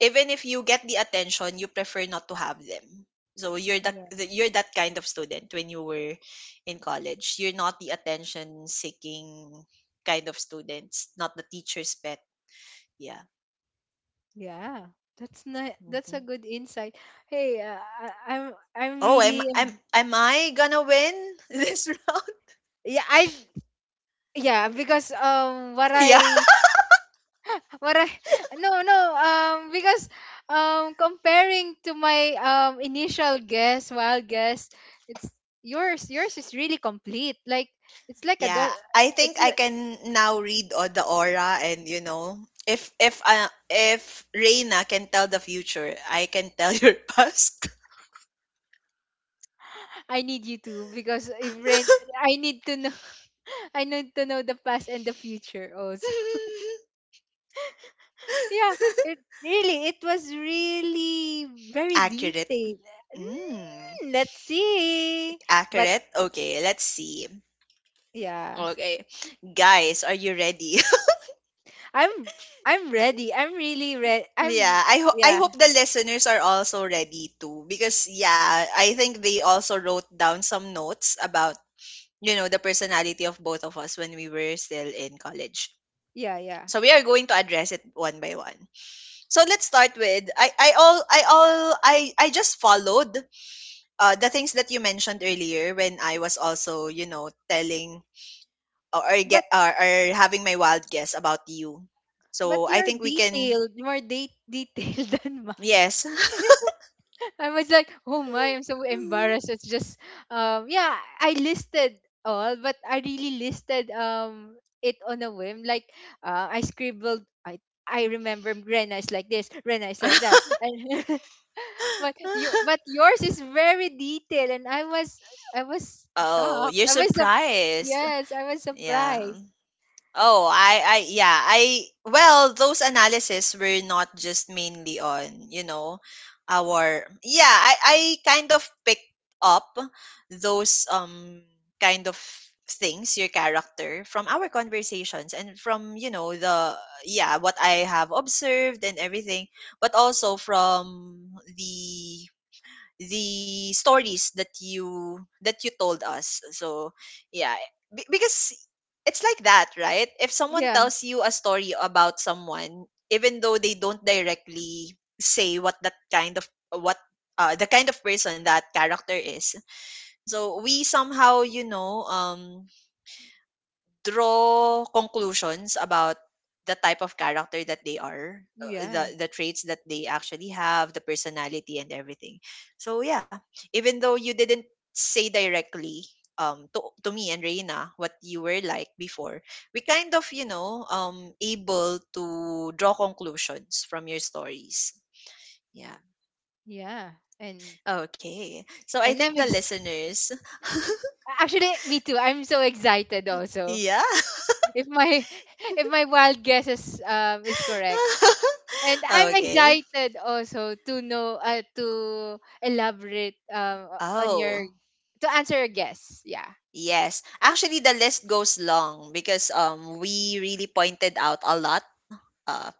[SPEAKER 1] even if you get the attention, you prefer not to have them. So you're
[SPEAKER 2] Yeah.
[SPEAKER 1] you're that kind of student when you were in college. You're not the attention seeking kind of students, not the teacher's pet. Yeah.
[SPEAKER 2] Yeah. That's not that's
[SPEAKER 1] Mm-hmm.
[SPEAKER 2] a good insight. Hey, I'm
[SPEAKER 1] Oh,
[SPEAKER 2] really
[SPEAKER 1] am I gonna win <laughs> this round?
[SPEAKER 2] yeah, I yeah, because what
[SPEAKER 1] Yeah.
[SPEAKER 2] I what I <laughs> no, no, because comparing to my initial guess, wild guess, it's yours is really complete. Like it's like a
[SPEAKER 1] Yeah,
[SPEAKER 2] do-
[SPEAKER 1] I
[SPEAKER 2] it's
[SPEAKER 1] think I can now read all the aura and you know, if Reina can tell the future, I can tell your <laughs> past.
[SPEAKER 2] I need you to because if rain I need to know the past and the future also. <laughs>
[SPEAKER 1] <laughs>
[SPEAKER 2] Yeah, it really it was really very
[SPEAKER 1] Accurate.
[SPEAKER 2] detailed.
[SPEAKER 1] Mm.
[SPEAKER 2] Mm, let's see. But
[SPEAKER 1] Accurate. Okay, let's see.
[SPEAKER 2] yeah,
[SPEAKER 1] Okay. Guys, are you ready?
[SPEAKER 2] I'm I'm ready. I'm really ready.
[SPEAKER 1] <laughs>
[SPEAKER 2] I'm
[SPEAKER 1] yeah, I I
[SPEAKER 2] yeah,
[SPEAKER 1] hope the listeners are also ready too because yeah, I think they also wrote down some notes about you know, the personality of both of us when we were still in college.
[SPEAKER 2] yeah, yeah.
[SPEAKER 1] So we are going to address it one by one. So let's start with I all I just followed the things that you mentioned earlier when I was also, you know, telling
[SPEAKER 2] But
[SPEAKER 1] or having my wild guess about you.
[SPEAKER 2] but
[SPEAKER 1] So I
[SPEAKER 2] you're
[SPEAKER 1] think we can,
[SPEAKER 2] detailed, more de- detailed <laughs> than mine.
[SPEAKER 1] yes.
[SPEAKER 2] I was like, oh my, I'm so
[SPEAKER 1] <laughs>
[SPEAKER 2] embarrassed. It's just, yeah, I listed all, but I really listed it on a whim. Like, I scribbled. I remember Rena is like this, Rena is like
[SPEAKER 1] <laughs>
[SPEAKER 2] that, and <laughs> but you but yours is very detailed, and I was
[SPEAKER 1] oh,
[SPEAKER 2] shocked.
[SPEAKER 1] you're
[SPEAKER 2] I was sup-
[SPEAKER 1] surprised.
[SPEAKER 2] yes, I was
[SPEAKER 1] Yeah.
[SPEAKER 2] surprised.
[SPEAKER 1] Yeah, well, those analysis were not just mainly on, you know, yeah, I kind of picked up those, kind of things, your character from our conversations and from, you know, yeah, what I have observed and everything, but also from the stories that you told us. So yeah, because it's like that right if someone
[SPEAKER 2] Yeah,
[SPEAKER 1] tells you a story about someone, even though they don't directly say what the kind of person that character is, so we somehow you know draw conclusions about the type of character that they are,
[SPEAKER 2] yeah,
[SPEAKER 1] the traits that they actually have, the personality and everything. So yeah, even though you didn't say directly to me and Reina what you were like before, we kind of, able to draw conclusions from your stories. Yeah.
[SPEAKER 2] yeah, and
[SPEAKER 1] Okay. So I
[SPEAKER 2] and
[SPEAKER 1] think
[SPEAKER 2] I'm
[SPEAKER 1] the
[SPEAKER 2] ex-
[SPEAKER 1] listeners,
[SPEAKER 2] actually me too. I'm so excited also.
[SPEAKER 1] yeah.
[SPEAKER 2] If my <laughs> if my wild guesses is correct. And
[SPEAKER 1] <laughs>
[SPEAKER 2] I'm
[SPEAKER 1] Okay.
[SPEAKER 2] excited also to know to elaborate on your
[SPEAKER 1] Oh,
[SPEAKER 2] to answer a guess. Yeah.
[SPEAKER 1] yes. Actually, the list goes long because we really pointed out a lot. Uh,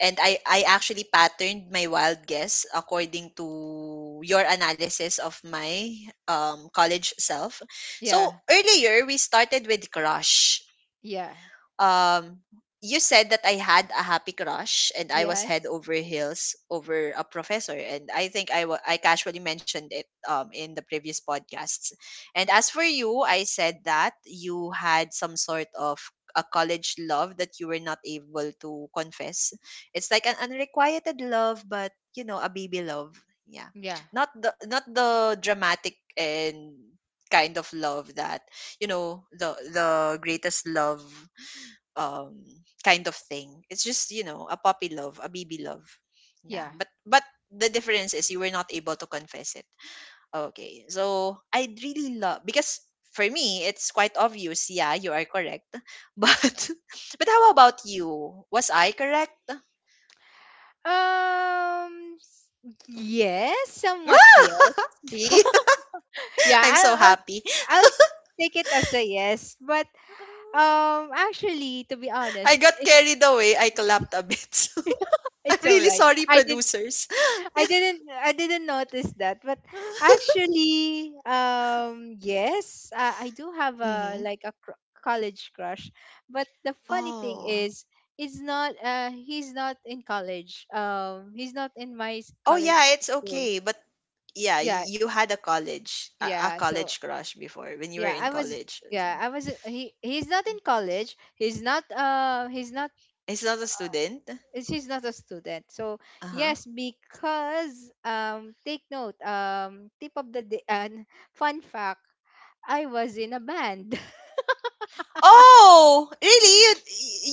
[SPEAKER 1] and I actually patterned my wild guess according to your analysis of my college self. So
[SPEAKER 2] Yeah.
[SPEAKER 1] earlier, we started with crush.
[SPEAKER 2] Yeah.
[SPEAKER 1] um you said that I had a happy crush and I was
[SPEAKER 2] Yes.
[SPEAKER 1] head over heels over a professor, and I think I casually mentioned it in the previous podcasts. And as for you, I said that you had some sort of a college love that you were not able to confess. It's like an unrequited love, but a baby love. Yeah.
[SPEAKER 2] Yeah.
[SPEAKER 1] Not the dramatic and kind of love that the greatest love um, kind of thing. It's just a puppy love, a baby love. Yeah,
[SPEAKER 2] Yeah.
[SPEAKER 1] but the difference is you were not able to confess it. Okay, so I really love because for me it's quite obvious. Yeah, you are correct, <laughs> but how about you? Was I correct?
[SPEAKER 2] S- yes, somewhat yes.
[SPEAKER 1] <laughs> See?
[SPEAKER 2] <laughs>
[SPEAKER 1] <laughs>
[SPEAKER 2] Yeah,
[SPEAKER 1] I'm
[SPEAKER 2] I'll,
[SPEAKER 1] so
[SPEAKER 2] I'll
[SPEAKER 1] happy.
[SPEAKER 2] I'll take it as a yes, but actually to be honest,
[SPEAKER 1] I got
[SPEAKER 2] it's
[SPEAKER 1] carried away. I collapsed a bit. <laughs> So
[SPEAKER 2] <laughs>
[SPEAKER 1] I'm
[SPEAKER 2] it's all
[SPEAKER 1] really
[SPEAKER 2] right.
[SPEAKER 1] sorry,
[SPEAKER 2] I
[SPEAKER 1] producers. <laughs>
[SPEAKER 2] I
[SPEAKER 1] Yeah.
[SPEAKER 2] didn't notice that, but actually, yes, I do have
[SPEAKER 1] <laughs>
[SPEAKER 2] a
[SPEAKER 1] Hmm.
[SPEAKER 2] like a college crush. But the funny thing
[SPEAKER 1] Oh.
[SPEAKER 2] is, it's not. He's not in college. He's not in my
[SPEAKER 1] Oh
[SPEAKER 2] college
[SPEAKER 1] yeah, it's
[SPEAKER 2] school.
[SPEAKER 1] okay. But yeah,
[SPEAKER 2] Yeah,
[SPEAKER 1] you had a
[SPEAKER 2] yeah. So
[SPEAKER 1] college crush before when you were
[SPEAKER 2] yeah,
[SPEAKER 1] in
[SPEAKER 2] I was.
[SPEAKER 1] college. So.
[SPEAKER 2] Yeah, I was. He's not in college. He's not. He's not
[SPEAKER 1] It's not a student.
[SPEAKER 2] she's not a student, so
[SPEAKER 1] Uh huh.
[SPEAKER 2] yes, because take note, tip of the day, fun fact, I was in a band. <laughs>
[SPEAKER 1] Oh, really? You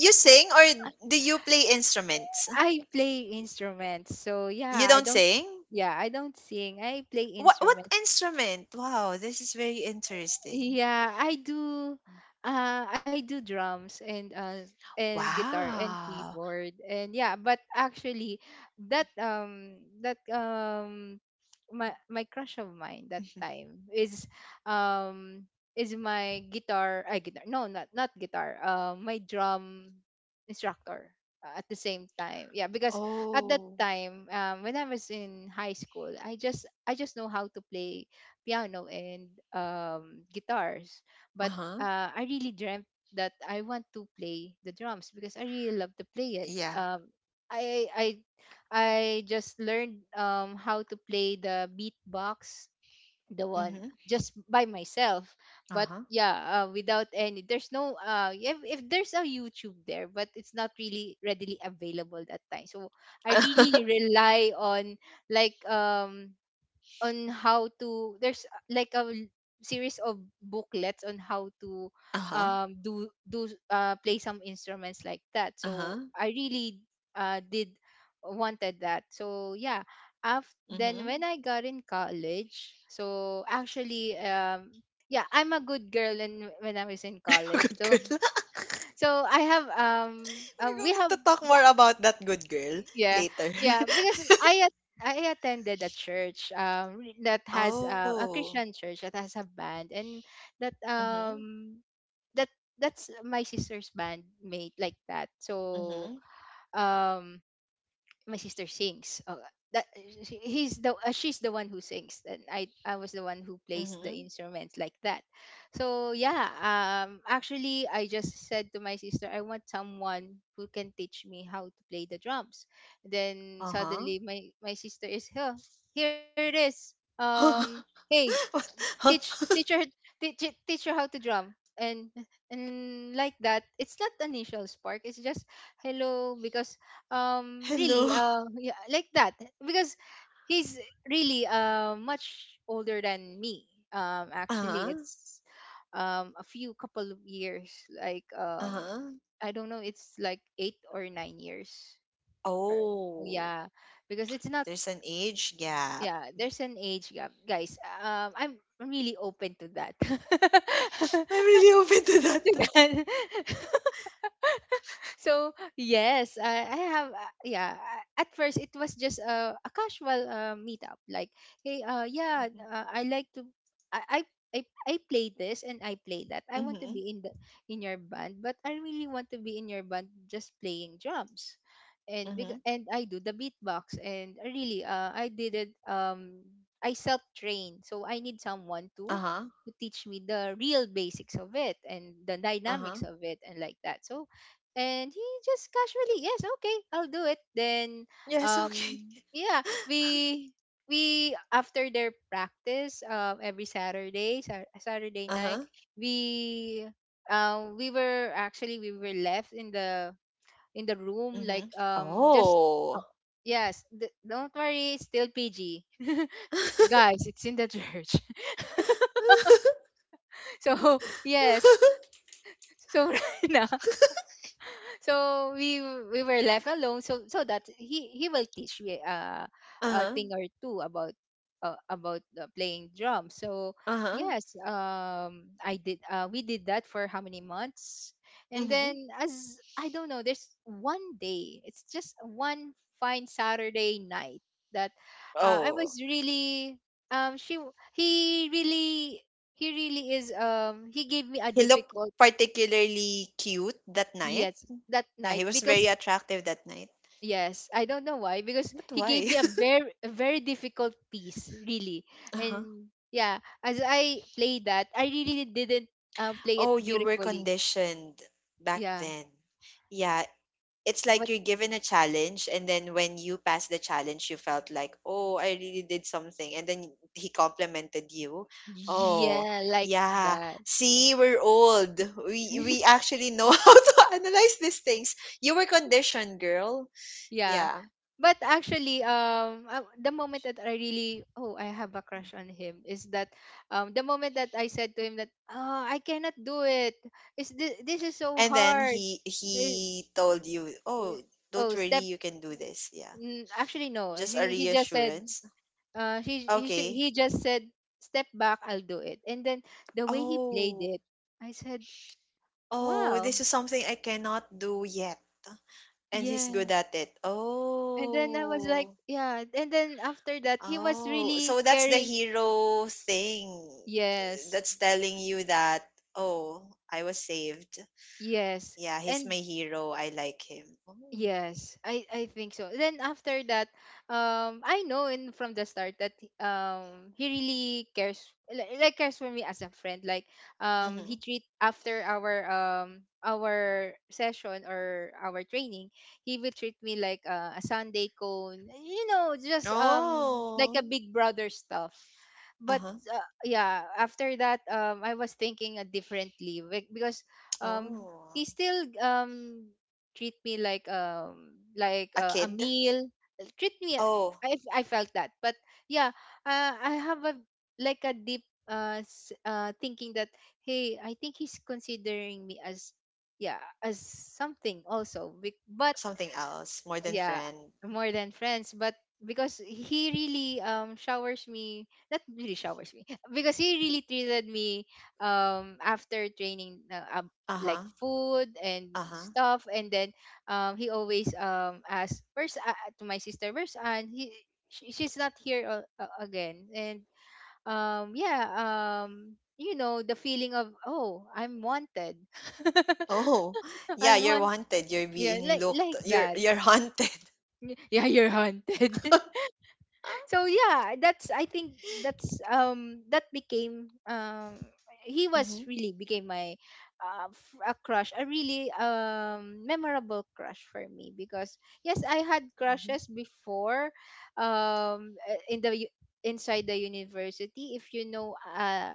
[SPEAKER 1] you sing, or do you play instruments?
[SPEAKER 2] I play instruments, so
[SPEAKER 1] You
[SPEAKER 2] yeah, I
[SPEAKER 1] don't
[SPEAKER 2] don't.
[SPEAKER 1] sing.
[SPEAKER 2] Yeah, I don't sing, I play
[SPEAKER 1] What
[SPEAKER 2] instruments.
[SPEAKER 1] instrument? Wow, this is very interesting.
[SPEAKER 2] Yeah, I do. I do drums and guitar and
[SPEAKER 1] Wow.
[SPEAKER 2] keyboard, and yeah. But actually, that that my crush of mine that time um is my guitar, I guitar, no, not not guitar, my drum instructor at the same time, yeah, because at that
[SPEAKER 1] Oh.
[SPEAKER 2] time, when I was in high school, I just know how to play piano and guitars.
[SPEAKER 1] Uh
[SPEAKER 2] But
[SPEAKER 1] huh.
[SPEAKER 2] I really dreamt that I want to play the drums because I really love to play it.
[SPEAKER 1] Yeah.
[SPEAKER 2] I I just learned how to play the beatbox, the one,
[SPEAKER 1] Mhm.
[SPEAKER 2] just by myself.
[SPEAKER 1] Uh
[SPEAKER 2] But
[SPEAKER 1] huh.
[SPEAKER 2] yeah, without any, there's no if there's a YouTube there, but it's not really readily available that time. So I
[SPEAKER 1] Uh huh.
[SPEAKER 2] really rely on like on how to there's like a series of booklets on how to
[SPEAKER 1] Uh huh. <laughs>
[SPEAKER 2] do play some instruments like that,
[SPEAKER 1] Uh
[SPEAKER 2] so
[SPEAKER 1] huh.
[SPEAKER 2] I really did wanted that, so yeah, after then when
[SPEAKER 1] Mhm.
[SPEAKER 2] I got in college, so actually yeah, I'm a good girl, and when I was in
[SPEAKER 1] <laughs>
[SPEAKER 2] college,
[SPEAKER 1] Good
[SPEAKER 2] so
[SPEAKER 1] girl. <laughs>
[SPEAKER 2] I have
[SPEAKER 1] We're
[SPEAKER 2] we
[SPEAKER 1] going
[SPEAKER 2] have
[SPEAKER 1] to talk more about that good girl
[SPEAKER 2] yeah,
[SPEAKER 1] later.
[SPEAKER 2] yeah, because I I attended a church that
[SPEAKER 1] <laughs>
[SPEAKER 2] has a
[SPEAKER 1] Oh.
[SPEAKER 2] Christian church that has a band, and that
[SPEAKER 1] Mhm.
[SPEAKER 2] um that that's my sister's band mate, like that. So
[SPEAKER 1] Mhm.
[SPEAKER 2] um my sister sings. Oh, that he's the she's the one who sings, and I was the one who plays the
[SPEAKER 1] Mhm.
[SPEAKER 2] instruments, like that. So yeah, actually I just said to my sister, I want someone who can teach me how to play the drums. Then
[SPEAKER 1] Uh-huh.
[SPEAKER 2] suddenly my sister is here. Here it is.
[SPEAKER 1] <laughs>
[SPEAKER 2] Hey,
[SPEAKER 1] What- huh?
[SPEAKER 2] teach her, teach her how to drum, and and like that, it's not initial spark, it's just hello, because really
[SPEAKER 1] Hello.
[SPEAKER 2] yeah, like that, because he's really much older than me. Actually
[SPEAKER 1] Uh-huh.
[SPEAKER 2] it's a few, couple of years, like,
[SPEAKER 1] Uh-huh.
[SPEAKER 2] I don't know, it's like 8 or 9 years or,
[SPEAKER 1] Oh.
[SPEAKER 2] yeah, because it's not.
[SPEAKER 1] There's an age gap.
[SPEAKER 2] Yeah, there's an age gap, guys. I'm really open to that. <laughs>
[SPEAKER 1] I'm really open to
[SPEAKER 2] To
[SPEAKER 1] that.
[SPEAKER 2] that. <laughs> So yes, I have yeah, at first it was just a casual meetup, like hey, yeah,
[SPEAKER 1] Mhm.
[SPEAKER 2] I like to I, I i I play this and I play that, I want to
[SPEAKER 1] Mhm.
[SPEAKER 2] be in the in your band, but I really want to be in your band just playing drums and big,
[SPEAKER 1] Mhm.
[SPEAKER 2] and I do the beatbox, and I really I did it I self trained, so I need someone
[SPEAKER 1] Uh-huh.
[SPEAKER 2] to teach me the real basics of it and the
[SPEAKER 1] Uh-huh.
[SPEAKER 2] dynamics of it and like that, so and he just casually yes, okay, I'll do it then.
[SPEAKER 1] Yes,
[SPEAKER 2] um
[SPEAKER 1] okay. <laughs>
[SPEAKER 2] yeah, we after their practice every saturday saturday night,
[SPEAKER 1] Uh-huh.
[SPEAKER 2] we we were actually we were left in the room, like
[SPEAKER 1] Mhm.
[SPEAKER 2] just uh,
[SPEAKER 1] Oh.
[SPEAKER 2] yes, don't worry, it's still PG. <laughs>
[SPEAKER 1] <laughs>
[SPEAKER 2] Guys, it's in the church. <laughs> So yes, so <laughs> right now, so we were left alone so so that he will teach me a
[SPEAKER 1] Uh-huh.
[SPEAKER 2] thing or two about playing drums. So
[SPEAKER 1] Uh-huh.
[SPEAKER 2] yes, I did, we did that for how many months, and
[SPEAKER 1] Mhm.
[SPEAKER 2] then as I don't know, there's one day, it's just one fine saturday night that I
[SPEAKER 1] Oh.
[SPEAKER 2] was really he really he really is he gave me a
[SPEAKER 1] He looked
[SPEAKER 2] difficult
[SPEAKER 1] particularly cute that night.
[SPEAKER 2] yes that
[SPEAKER 1] Yeah,
[SPEAKER 2] night,
[SPEAKER 1] he was very
[SPEAKER 2] because
[SPEAKER 1] attractive that night.
[SPEAKER 2] yes, I don't know why, because
[SPEAKER 1] But
[SPEAKER 2] he gave
[SPEAKER 1] why?
[SPEAKER 2] me a
[SPEAKER 1] <laughs>
[SPEAKER 2] very difficult piece, really.
[SPEAKER 1] Uh-huh.
[SPEAKER 2] And yeah, as I played that, I really didn't play it
[SPEAKER 1] Oh, you were
[SPEAKER 2] beautifully.
[SPEAKER 1] conditioned back
[SPEAKER 2] Yeah,
[SPEAKER 1] then. Yeah, it's like
[SPEAKER 2] but
[SPEAKER 1] you're given a challenge, and then when you pass the challenge, you felt like, oh, I really did something. And then he complimented you. Oh,
[SPEAKER 2] yeah, like
[SPEAKER 1] yeah.
[SPEAKER 2] that.
[SPEAKER 1] See, we're old. We
[SPEAKER 2] <laughs>
[SPEAKER 1] actually know <laughs> how to analyze these things. You were conditioned, girl.
[SPEAKER 2] Yeah.
[SPEAKER 1] Yeah.
[SPEAKER 2] But actually, the moment that I really, oh, I have a crush on him is that, the moment that I said to him that, oh, I cannot do it. Is this this is so
[SPEAKER 1] And then
[SPEAKER 2] hard?
[SPEAKER 1] he
[SPEAKER 2] Eh,
[SPEAKER 1] he told you,
[SPEAKER 2] uh,
[SPEAKER 1] "Oh, don't
[SPEAKER 2] oh,
[SPEAKER 1] worry,
[SPEAKER 2] step
[SPEAKER 1] you can do this." Yeah.
[SPEAKER 2] actually no,
[SPEAKER 1] Just a
[SPEAKER 2] she he just said
[SPEAKER 1] reassurance. Okay.
[SPEAKER 2] he just said step back, I'll do it, and then the way he played
[SPEAKER 1] Oh.
[SPEAKER 2] it I said
[SPEAKER 1] Oh,
[SPEAKER 2] wow.
[SPEAKER 1] this is something I cannot do yet. And he's
[SPEAKER 2] Yeah,
[SPEAKER 1] good at it.
[SPEAKER 2] and then I was like
[SPEAKER 1] Oh.
[SPEAKER 2] yeah, and then after that he was
[SPEAKER 1] Oh.
[SPEAKER 2] really
[SPEAKER 1] So that's the
[SPEAKER 2] caring.
[SPEAKER 1] hero thing,
[SPEAKER 2] Yes.
[SPEAKER 1] that's telling you that, "Oh, I was saved.
[SPEAKER 2] Yes.
[SPEAKER 1] Yeah, he's my
[SPEAKER 2] And
[SPEAKER 1] hero. I like him." Oh.
[SPEAKER 2] yes, I think so. Then after that, I know in from the start that he really cares, like cares for me as a friend. Like he
[SPEAKER 1] Mm-hmm.
[SPEAKER 2] treat after our session or our training, he will treat me like a Sunday cone. You know, just like
[SPEAKER 1] Oh.
[SPEAKER 2] a big brother stuff. But
[SPEAKER 1] Uh-huh.
[SPEAKER 2] yeah, after that, I was thinking differently because
[SPEAKER 1] Oh.
[SPEAKER 2] he still treat me like
[SPEAKER 1] A
[SPEAKER 2] a
[SPEAKER 1] kid.
[SPEAKER 2] meal, treat me
[SPEAKER 1] Oh,
[SPEAKER 2] I felt that, but yeah, I have a like a deep thinking that hey, I think he's considering me as yeah as something also. But
[SPEAKER 1] something else, more than
[SPEAKER 2] yeah,
[SPEAKER 1] friend.
[SPEAKER 2] more than friends, but because he really showers me, not really showers me <laughs> because he really treated me after training like
[SPEAKER 1] Uh-huh.
[SPEAKER 2] food and
[SPEAKER 1] Uh-huh.
[SPEAKER 2] stuff, and then he always asks where's to my sister, where's, and he she, she's not here again, and yeah, you know, the feeling of oh, I'm wanted. <laughs>
[SPEAKER 1] Oh, <laughs> yeah,
[SPEAKER 2] i'm
[SPEAKER 1] you're
[SPEAKER 2] want
[SPEAKER 1] wanted. You're
[SPEAKER 2] yeah,
[SPEAKER 1] being looked.
[SPEAKER 2] like
[SPEAKER 1] You're
[SPEAKER 2] that.
[SPEAKER 1] you're haunted.
[SPEAKER 2] Yeah, you're haunted. <laughs>
[SPEAKER 1] <laughs>
[SPEAKER 2] So yeah, that's I think that's that became he
[SPEAKER 1] Mm-hmm.
[SPEAKER 2] was really became my a crush, a really memorable crush for me, because yes, I had
[SPEAKER 1] Mm-hmm.
[SPEAKER 2] crushes before, in the inside the university, if you know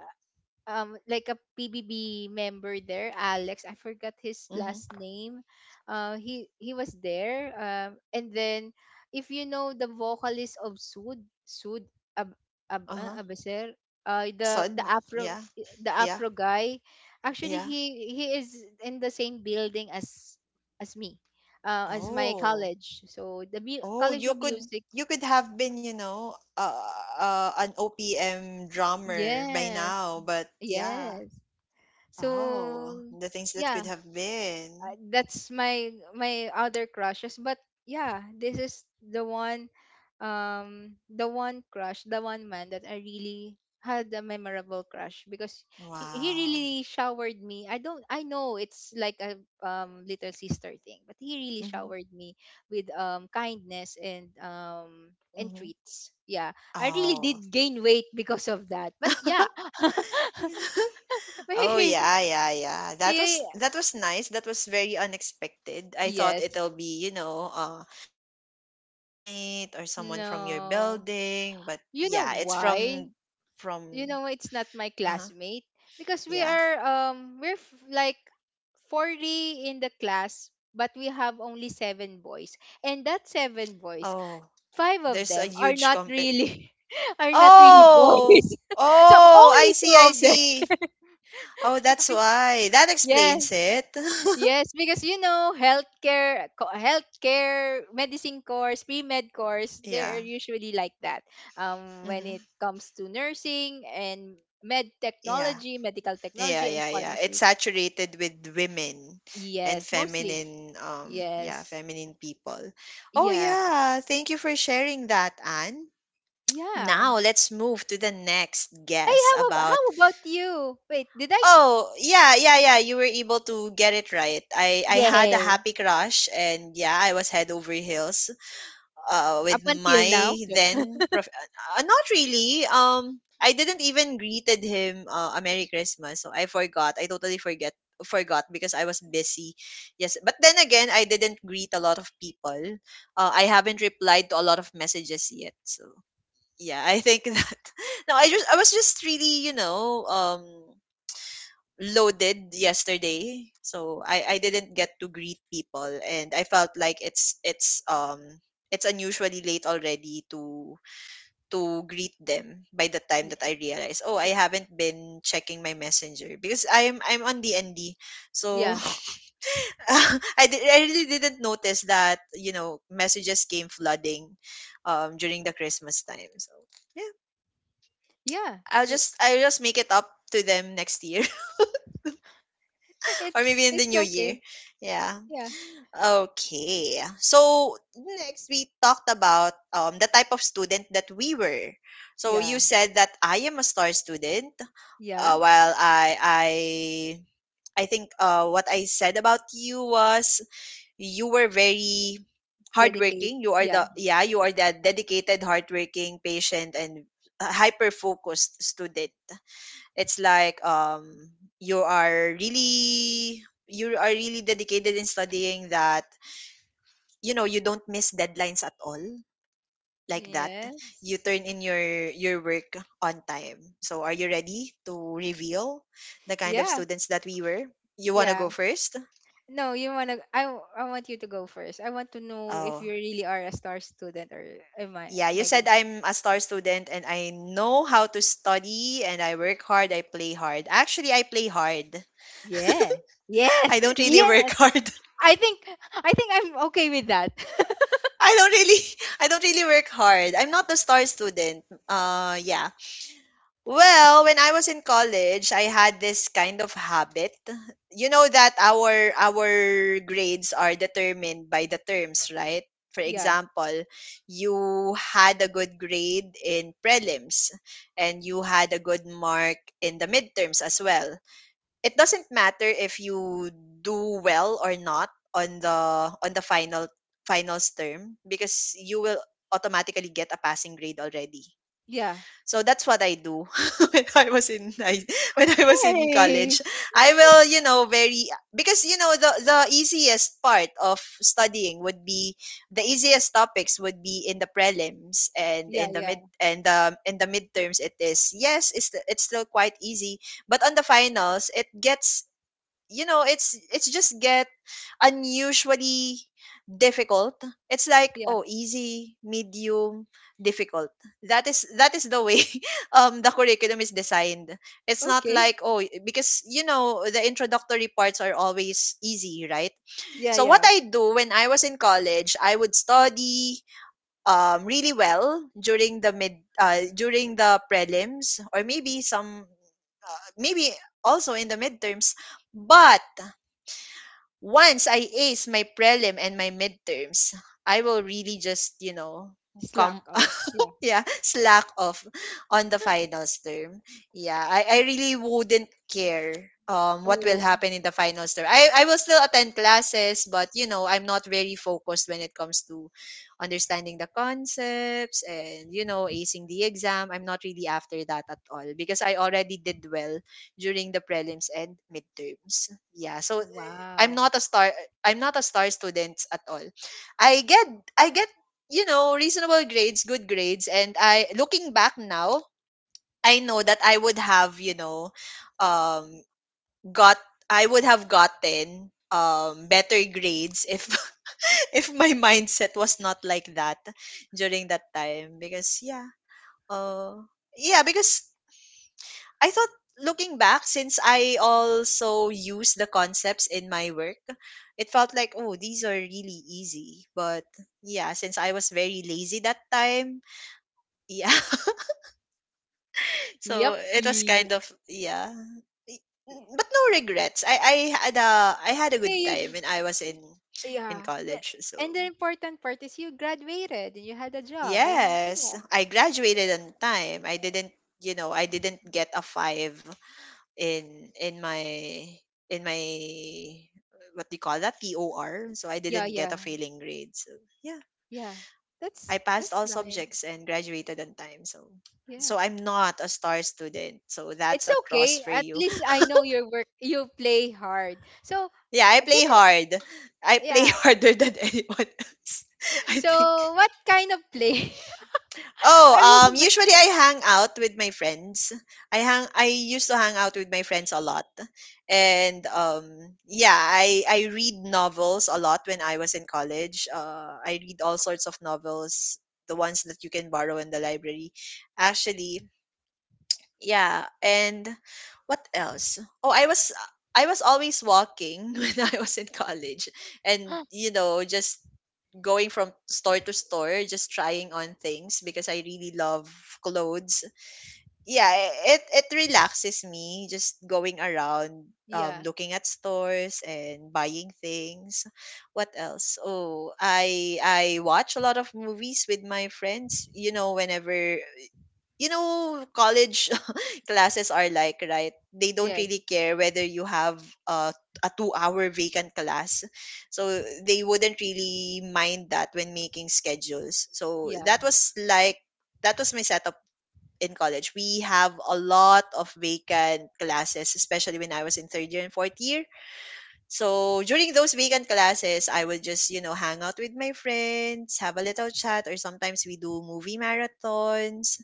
[SPEAKER 2] like a PBB member there, Alex. I forgot his
[SPEAKER 1] Mm-hmm.
[SPEAKER 2] last name. He was there. And then if you know the vocalist of Sud Ab Ab
[SPEAKER 1] Uh-huh.
[SPEAKER 2] Abaser, uh, the
[SPEAKER 1] Sud.
[SPEAKER 2] the Afro
[SPEAKER 1] Yeah.
[SPEAKER 2] the
[SPEAKER 1] Yeah.
[SPEAKER 2] Afro guy, actually
[SPEAKER 1] Yeah.
[SPEAKER 2] he is in the same building as me, as my
[SPEAKER 1] Oh.
[SPEAKER 2] college. So the
[SPEAKER 1] Oh,
[SPEAKER 2] College
[SPEAKER 1] you
[SPEAKER 2] of
[SPEAKER 1] could
[SPEAKER 2] Music.
[SPEAKER 1] you could have been, an OPM drummer by
[SPEAKER 2] Yes,
[SPEAKER 1] now, but yeah.
[SPEAKER 2] yes. So
[SPEAKER 1] Oh, the things that could
[SPEAKER 2] yeah,
[SPEAKER 1] have been.
[SPEAKER 2] that's my my other crushes, but yeah, this is the one, the one crush, the one man that I really had a memorable crush, because he
[SPEAKER 1] Wow.
[SPEAKER 2] really showered me, I don't I know it's like a little sister thing, but he really
[SPEAKER 1] Mm-hmm.
[SPEAKER 2] showered me with kindness and
[SPEAKER 1] Mm-hmm.
[SPEAKER 2] treats, yeah. I really
[SPEAKER 1] Oh.
[SPEAKER 2] did gain weight because of that, but yeah. <laughs>
[SPEAKER 1] <laughs> Oh
[SPEAKER 2] Wait,
[SPEAKER 1] yeah, yeah, yeah. That was
[SPEAKER 2] yeah,
[SPEAKER 1] that was nice. That was very unexpected. I thought
[SPEAKER 2] yes,
[SPEAKER 1] it'll be, maybe a classmate or someone from your
[SPEAKER 2] no.
[SPEAKER 1] building, but
[SPEAKER 2] You know
[SPEAKER 1] yeah, it's
[SPEAKER 2] why?
[SPEAKER 1] from
[SPEAKER 2] You
[SPEAKER 1] from
[SPEAKER 2] know it's not my
[SPEAKER 1] uh-huh.
[SPEAKER 2] classmate, because we
[SPEAKER 1] Yeah.
[SPEAKER 2] are we're like 40 in the class, but we have only 7 boys, and that 7 boys
[SPEAKER 1] Oh,
[SPEAKER 2] 5 of
[SPEAKER 1] there's a
[SPEAKER 2] them are
[SPEAKER 1] huge
[SPEAKER 2] not
[SPEAKER 1] compet.
[SPEAKER 2] really <laughs> are not really
[SPEAKER 1] Oh.
[SPEAKER 2] boys. <laughs> So
[SPEAKER 1] Oh,
[SPEAKER 2] only
[SPEAKER 1] I see,
[SPEAKER 2] 2
[SPEAKER 1] I
[SPEAKER 2] of them.
[SPEAKER 1] see. Oh, that's
[SPEAKER 2] <laughs>
[SPEAKER 1] why. That explains
[SPEAKER 2] Yes.
[SPEAKER 1] it.
[SPEAKER 2] Yes, because you know, healthcare, healthcare, medicine course, pre-med course,
[SPEAKER 1] <laughs> Yeah.
[SPEAKER 2] they're usually like that. When
[SPEAKER 1] Mhm.
[SPEAKER 2] it comes to nursing and med
[SPEAKER 1] Yeah.
[SPEAKER 2] technology, medical
[SPEAKER 1] Yeah,
[SPEAKER 2] technology, and
[SPEAKER 1] yeah, yeah. It's
[SPEAKER 2] pharmacy,
[SPEAKER 1] saturated with women and
[SPEAKER 2] yes, mostly,
[SPEAKER 1] feminine,
[SPEAKER 2] yes,
[SPEAKER 1] feminine people. Oh,
[SPEAKER 2] yeah,
[SPEAKER 1] yeah. Thank you for sharing that, Anne.
[SPEAKER 2] yeah.
[SPEAKER 1] Now let's move to the next
[SPEAKER 2] Hey,
[SPEAKER 1] guess about.
[SPEAKER 2] how about you? Wait, did I?
[SPEAKER 1] Oh, yeah, yeah, yeah. You were able to get it right. I had
[SPEAKER 2] Yeah,
[SPEAKER 1] a happy crush, and yeah, I was head over heels,
[SPEAKER 2] up
[SPEAKER 1] with
[SPEAKER 2] until
[SPEAKER 1] my
[SPEAKER 2] now, joke.
[SPEAKER 1] then not really, I didn't even greeted him, a Merry Christmas, so I forgot I totally forget forgot because I was busy. Yes, but then again I didn't greet a lot of people, I haven't replied to a lot of messages yet, so yeah, I think <laughs> that, no, I was just really loaded yesterday, so I didn't get to greet people, and I felt like it's it's unusually late already to greet them by the time that
[SPEAKER 2] Y-
[SPEAKER 1] I realized, oh, I haven't been checking my messenger because I'm on DND, so
[SPEAKER 2] Yeah,
[SPEAKER 1] <laughs> I really didn't notice that messages came flooding during the Christmas time, so yeah.
[SPEAKER 2] yeah. So
[SPEAKER 1] I'll just make it up to them next year, <laughs>
[SPEAKER 2] <laughs>
[SPEAKER 1] or maybe in the
[SPEAKER 2] it's
[SPEAKER 1] new
[SPEAKER 2] okay.
[SPEAKER 1] year. Yeah.
[SPEAKER 2] Yeah,
[SPEAKER 1] Okay. So next we talked about the type of student that we were. So you
[SPEAKER 2] yeah,
[SPEAKER 1] said that I am a star student.
[SPEAKER 2] yeah.
[SPEAKER 1] While I think, what I said about you was you were very
[SPEAKER 2] Dedicate.
[SPEAKER 1] hardworking. You are
[SPEAKER 2] Yeah.
[SPEAKER 1] the yeah you are the dedicated, hardworking, patient, and hyper focused student. It's like you are really dedicated in studying, that you don't miss deadlines at all, like that you turn
[SPEAKER 2] Yes.
[SPEAKER 1] in your work on time. So are you ready to reveal the kind of
[SPEAKER 2] Yeah,
[SPEAKER 1] students that we were? You want to
[SPEAKER 2] yeah.
[SPEAKER 1] go first?
[SPEAKER 2] No, you wanna I want you to go first. I want to know if you
[SPEAKER 1] Oh,
[SPEAKER 2] really are a star student, or
[SPEAKER 1] yeah,
[SPEAKER 2] am
[SPEAKER 1] you
[SPEAKER 2] I
[SPEAKER 1] said
[SPEAKER 2] getting
[SPEAKER 1] I'm a star student and I know how to study and I work hard. I play hard. Actually, I play hard.
[SPEAKER 2] yeah.
[SPEAKER 1] <laughs>
[SPEAKER 2] Yes.
[SPEAKER 1] I
[SPEAKER 2] <laughs>
[SPEAKER 1] don't really work
[SPEAKER 2] Yes.
[SPEAKER 1] hard.
[SPEAKER 2] I think I think I'm okay with that. <laughs>
[SPEAKER 1] <laughs> I don't really <laughs> I don't really work hard. I'm not a star student. Yeah. Well, when I was in college, I had this kind of habit. You know that our grades are determined by the terms, right? For
[SPEAKER 2] Yeah.
[SPEAKER 1] example, you had a good grade in prelims, and you had a good mark in the midterms as well. It doesn't matter if you do well or not on the on the final finals term, because you will automatically get a passing grade already.
[SPEAKER 2] Yeah.
[SPEAKER 1] So that's what I do <laughs> when I was in when I was in
[SPEAKER 2] Hey.
[SPEAKER 1] college. I will, you know, very Because the easiest part of studying would be the easiest topics would be in the prelims, and
[SPEAKER 2] Yeah,
[SPEAKER 1] in the
[SPEAKER 2] yeah.
[SPEAKER 1] midterms, it is yes it's still quite easy. But on the finals it gets, it's just get unusually difficult. It's like,
[SPEAKER 2] Yeah.
[SPEAKER 1] oh, easy, medium, difficult. That is the way <laughs> the curriculum is designed. It's not
[SPEAKER 2] Okay.
[SPEAKER 1] like, oh, because the introductory parts are always easy, right?
[SPEAKER 2] Yeah,
[SPEAKER 1] So what
[SPEAKER 2] yeah.
[SPEAKER 1] I do when I was in college, I would study really well during the prelims, or maybe some maybe also in the midterms. But once I ace my prelim and my midterms, I will really just,
[SPEAKER 2] Slack
[SPEAKER 1] come,
[SPEAKER 2] off. Yeah.
[SPEAKER 1] yeah, <laughs> slack off on the finals term. Yeah, I really wouldn't
[SPEAKER 2] Uh,
[SPEAKER 1] care what will
[SPEAKER 2] Oh,
[SPEAKER 1] happen in the finals term. I will still attend classes, but you know, I'm not very focused when it comes to understanding the concepts and, you know, acing the exam. I'm not really after that at all because I already did well during the prelims and midterms. Yeah, so I'm
[SPEAKER 2] wow.
[SPEAKER 1] not a star I'm not a star student at all. I get I get, reasonable grades, good grades. And I, looking back now, I know that um, got, I would have gotten better grades if, <laughs> if my mindset was not like that during that time. Because, yeah, uh, yeah, because I thought, looking back, since I also use the concepts in my work, it felt like, oh, these are really easy. But yeah, since I was very lazy that time, yeah. <laughs>
[SPEAKER 2] Yep.
[SPEAKER 1] So it was
[SPEAKER 2] Ye-
[SPEAKER 1] kind of yeah. But no regrets. I had a good
[SPEAKER 2] Hey, you
[SPEAKER 1] time when I was in
[SPEAKER 2] yeah. The,
[SPEAKER 1] college.
[SPEAKER 2] and
[SPEAKER 1] So
[SPEAKER 2] the important part is you graduated and you had a job, and
[SPEAKER 1] yes,
[SPEAKER 2] yeah.
[SPEAKER 1] I graduated on time. I didn't get a 5 in in my, what do you call that? TOR. So I
[SPEAKER 2] Yeah,
[SPEAKER 1] didn't get a
[SPEAKER 2] yeah.
[SPEAKER 1] failing grade. So yeah,
[SPEAKER 2] Yeah.
[SPEAKER 1] I passed
[SPEAKER 2] That's
[SPEAKER 1] all
[SPEAKER 2] nice.
[SPEAKER 1] subjects and graduated on time. So
[SPEAKER 2] Yeah.
[SPEAKER 1] I'm not a star student. So that's
[SPEAKER 2] It's
[SPEAKER 1] a cross
[SPEAKER 2] okay.
[SPEAKER 1] for
[SPEAKER 2] At
[SPEAKER 1] you.
[SPEAKER 2] least I know your work you play hard. So
[SPEAKER 1] Yeah, I
[SPEAKER 2] can
[SPEAKER 1] play
[SPEAKER 2] I
[SPEAKER 1] hard. I play <laughs>
[SPEAKER 2] yeah.
[SPEAKER 1] harder than anyone else. <laughs> I think.
[SPEAKER 2] So what kind of play? <laughs>
[SPEAKER 1] Oh,
[SPEAKER 2] I was just
[SPEAKER 1] usually I hang out with my friends. I used to hang out with my friends a lot. And yeah, I read novels a lot when I was in college. I read all sorts of novels, the ones that you can borrow in the library. Actually, yeah, and what else? Oh, I was always walking <laughs> when I was in college and
[SPEAKER 2] like,
[SPEAKER 1] just going from store to store just trying on things because I really love clothes. Yeah, it relaxes me just going around
[SPEAKER 2] <gasps> yeah.
[SPEAKER 1] looking at stores and buying things. What else? Oh, I watch a lot of movies with my friends, whenever college classes are like, right? They don't really
[SPEAKER 2] Yes.
[SPEAKER 1] care whether you have uh, a 2-hour vacant class. So they wouldn't really mind that when making schedules. So
[SPEAKER 2] Yeah.
[SPEAKER 1] that was like, that was my setup in college. We have a lot of vacant classes, especially when I was in third year and fourth year, so during those weekend classes, I would just, hang out with my friends, have a little chat, or sometimes we do movie marathons,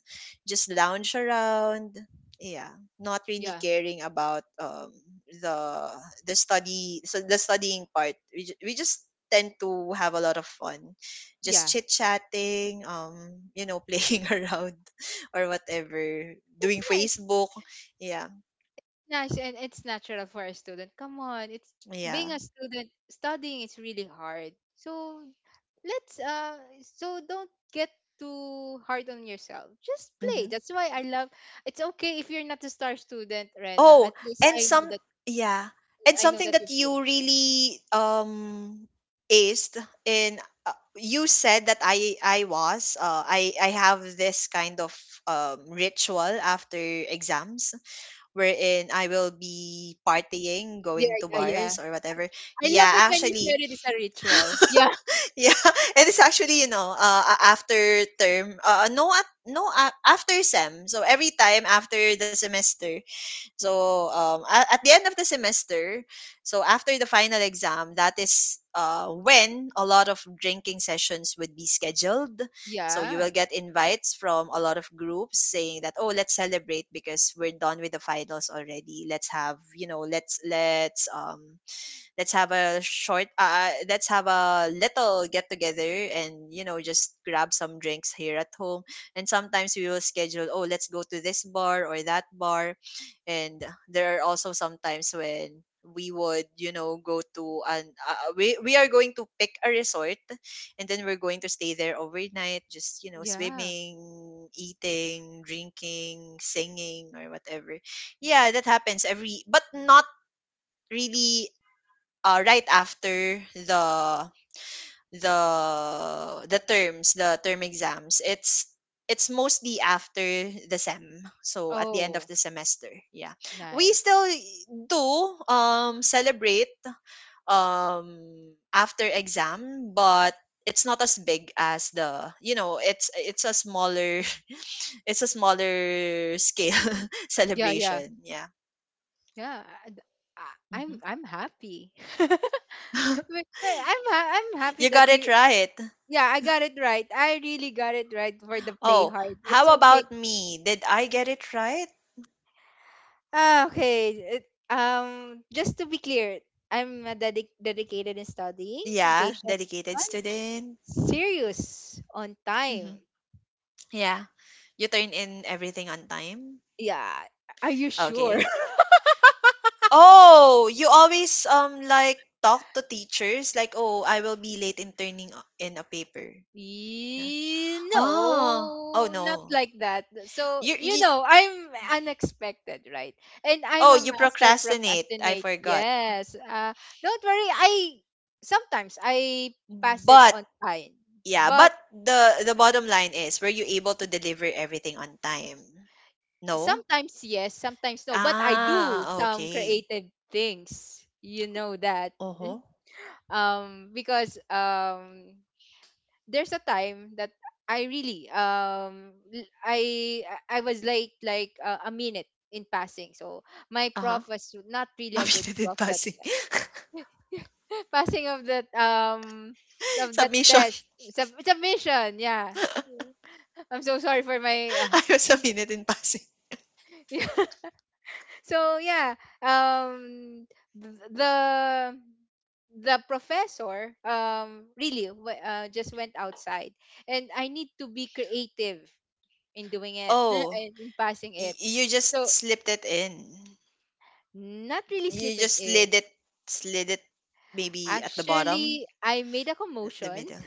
[SPEAKER 1] just lounge around. Yeah, not really
[SPEAKER 2] Yeah.
[SPEAKER 1] caring about the the studying part. We just tend to have a lot of fun, just
[SPEAKER 2] Yeah.
[SPEAKER 1] chit chatting, <laughs> playing around or whatever,
[SPEAKER 2] That's
[SPEAKER 1] doing
[SPEAKER 2] nice.
[SPEAKER 1] Facebook. Yeah,
[SPEAKER 2] Nice, and it's natural for a student. Come on. It's
[SPEAKER 1] yeah.
[SPEAKER 2] being a student studying is really hard. So let's don't get too hard on yourself, just play.
[SPEAKER 1] Mm-hmm.
[SPEAKER 2] That's why I love, it's okay if you're not a star student, Rena.
[SPEAKER 1] Oh,
[SPEAKER 2] At least
[SPEAKER 1] and
[SPEAKER 2] I know
[SPEAKER 1] some
[SPEAKER 2] that
[SPEAKER 1] yeah, and
[SPEAKER 2] I know
[SPEAKER 1] something
[SPEAKER 2] that you
[SPEAKER 1] that
[SPEAKER 2] play.
[SPEAKER 1] you really aced in you said that I was I have this kind of ritual after exams wherein I will be partying,
[SPEAKER 2] Yeah,
[SPEAKER 1] going to
[SPEAKER 2] yeah, yeah,
[SPEAKER 1] bars or whatever.
[SPEAKER 2] I love
[SPEAKER 1] Yeah,
[SPEAKER 2] it when you said
[SPEAKER 1] actually,
[SPEAKER 2] it is a ritual. Yeah,
[SPEAKER 1] <laughs> yeah, it's actually, after term, no, at no, after sem. So every time after the semester, so at the end of the semester, so after the final exam, that is when a lot of drinking sessions would be scheduled. So you will
[SPEAKER 2] yeah,
[SPEAKER 1] get invites from a lot of groups saying that, oh, let's celebrate because we're done with the finals already. Let's let's have a short, let's have a little get together, and just grab some drinks here at home. And sometimes we will schedule, oh, let's go to this bar or that bar. And there are also sometimes when we would, go to an we are going to pick a resort, and then we're going to stay there overnight, just,
[SPEAKER 2] yeah.
[SPEAKER 1] swimming, eating, drinking, singing, or whatever. Yeah, that happens every, but not really right after the the term exams. It's mostly after the sem, so at the end of
[SPEAKER 2] Oh,
[SPEAKER 1] the semester, yeah. We
[SPEAKER 2] nice.
[SPEAKER 1] still do celebrate after exam, but it's not as big as the, it's a smaller <laughs> it's a smaller scale <laughs>
[SPEAKER 2] Yeah, yeah,
[SPEAKER 1] celebration, yeah.
[SPEAKER 2] yeah. I- I- i'm
[SPEAKER 1] Mhm.
[SPEAKER 2] i'm happy. <laughs> But-
[SPEAKER 1] <laughs>
[SPEAKER 2] but i'm ha- i'm happy
[SPEAKER 1] You
[SPEAKER 2] that
[SPEAKER 1] got it
[SPEAKER 2] you,
[SPEAKER 1] right.
[SPEAKER 2] yeah, I got it right. I really got it right for the play
[SPEAKER 1] Oh,
[SPEAKER 2] hard, it's
[SPEAKER 1] how
[SPEAKER 2] okay.
[SPEAKER 1] about me? Did I get it right?
[SPEAKER 2] Ah, okay. It, just to be clear, I'm a dedicated in studying, a
[SPEAKER 1] Yeah,
[SPEAKER 2] patient
[SPEAKER 1] dedicated
[SPEAKER 2] on
[SPEAKER 1] student.
[SPEAKER 2] serious, on time.
[SPEAKER 1] Hmm. Yeah, you turn in everything on time.
[SPEAKER 2] Yeah. Are you sure?
[SPEAKER 1] Okay.
[SPEAKER 2] <laughs>
[SPEAKER 1] Oh, you always like talk to teachers like, "Oh, I will be late in turning in a paper." Yeah. Oh, oh
[SPEAKER 2] No, not
[SPEAKER 1] no.
[SPEAKER 2] like that. So,
[SPEAKER 1] You,
[SPEAKER 2] you
[SPEAKER 1] you.
[SPEAKER 2] know, I'm unexpected, right? And I'm
[SPEAKER 1] Oh,
[SPEAKER 2] a
[SPEAKER 1] you
[SPEAKER 2] master
[SPEAKER 1] procrastinate. I
[SPEAKER 2] procrastinate.
[SPEAKER 1] forgot.
[SPEAKER 2] Yes. Don't worry. I sometimes I pass it
[SPEAKER 1] But
[SPEAKER 2] on time,
[SPEAKER 1] yeah,
[SPEAKER 2] but
[SPEAKER 1] but the bottom line is, were you able to deliver everything on time? No?
[SPEAKER 2] sometimes yes, sometimes no, but I do
[SPEAKER 1] Ah,
[SPEAKER 2] some
[SPEAKER 1] okay.
[SPEAKER 2] creative things. You know that. <laughs>
[SPEAKER 1] Uh-huh.
[SPEAKER 2] Because there's a time that I really I was late like a minute in passing. So my
[SPEAKER 1] Uh-huh.
[SPEAKER 2] prof was not
[SPEAKER 1] <laughs> A
[SPEAKER 2] really a good
[SPEAKER 1] minute in
[SPEAKER 2] prof that
[SPEAKER 1] passing.
[SPEAKER 2] <laughs> passing
[SPEAKER 1] <laughs>
[SPEAKER 2] of that
[SPEAKER 1] Submission.
[SPEAKER 2] test submission. Yeah. I'm so sorry for my
[SPEAKER 1] <laughs> Ayos, a minute in passing.
[SPEAKER 2] uh, <laughs> so yeah, um the the professor really just went outside and I need to be creative in doing it <laughs>
[SPEAKER 1] Oh,
[SPEAKER 2] and in passing
[SPEAKER 1] y
[SPEAKER 2] it.
[SPEAKER 1] you just
[SPEAKER 2] So
[SPEAKER 1] slipped it in.
[SPEAKER 2] not really
[SPEAKER 1] You
[SPEAKER 2] slip it
[SPEAKER 1] just
[SPEAKER 2] in,
[SPEAKER 1] slid it maybe at the bottom,
[SPEAKER 2] actually I made a
[SPEAKER 1] at the
[SPEAKER 2] commotion.
[SPEAKER 1] middle.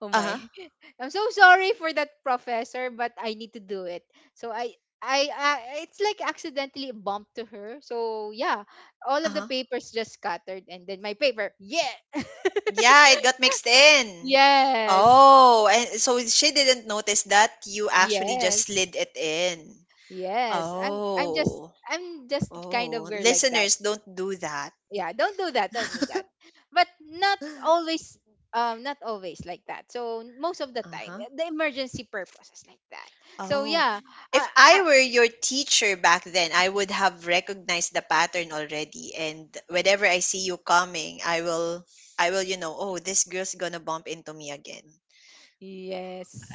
[SPEAKER 2] Oh my.
[SPEAKER 1] Uh-huh,
[SPEAKER 2] <laughs> I'm so sorry for that professor, but I need to do it. So I it's like accidentally bumped to her. So yeah, all of the
[SPEAKER 1] uh-huh.
[SPEAKER 2] papers just scattered and then my paper. Yeah. <laughs>
[SPEAKER 1] Yeah, it got mixed in.
[SPEAKER 2] Yes.
[SPEAKER 1] Oh, and so she didn't notice that you actually just
[SPEAKER 2] Yes.
[SPEAKER 1] slid it in.
[SPEAKER 2] Yes. I'm just
[SPEAKER 1] Oh,
[SPEAKER 2] I'm just kind of
[SPEAKER 1] oh.
[SPEAKER 2] weird like that.
[SPEAKER 1] Listeners, don't do that.
[SPEAKER 2] Yeah, don't do that. Don't do that. But not
[SPEAKER 1] <gasps>
[SPEAKER 2] always, not always like that. So most of the time,
[SPEAKER 1] Uh-huh.
[SPEAKER 2] the emergency purpose is like that. So
[SPEAKER 1] Oh,
[SPEAKER 2] yeah,
[SPEAKER 1] if
[SPEAKER 2] I
[SPEAKER 1] I
[SPEAKER 2] I
[SPEAKER 1] were your teacher back then, I would have recognized the pattern already. And whenever I see you coming, I will, you know, oh, this girl's gonna bump into me again.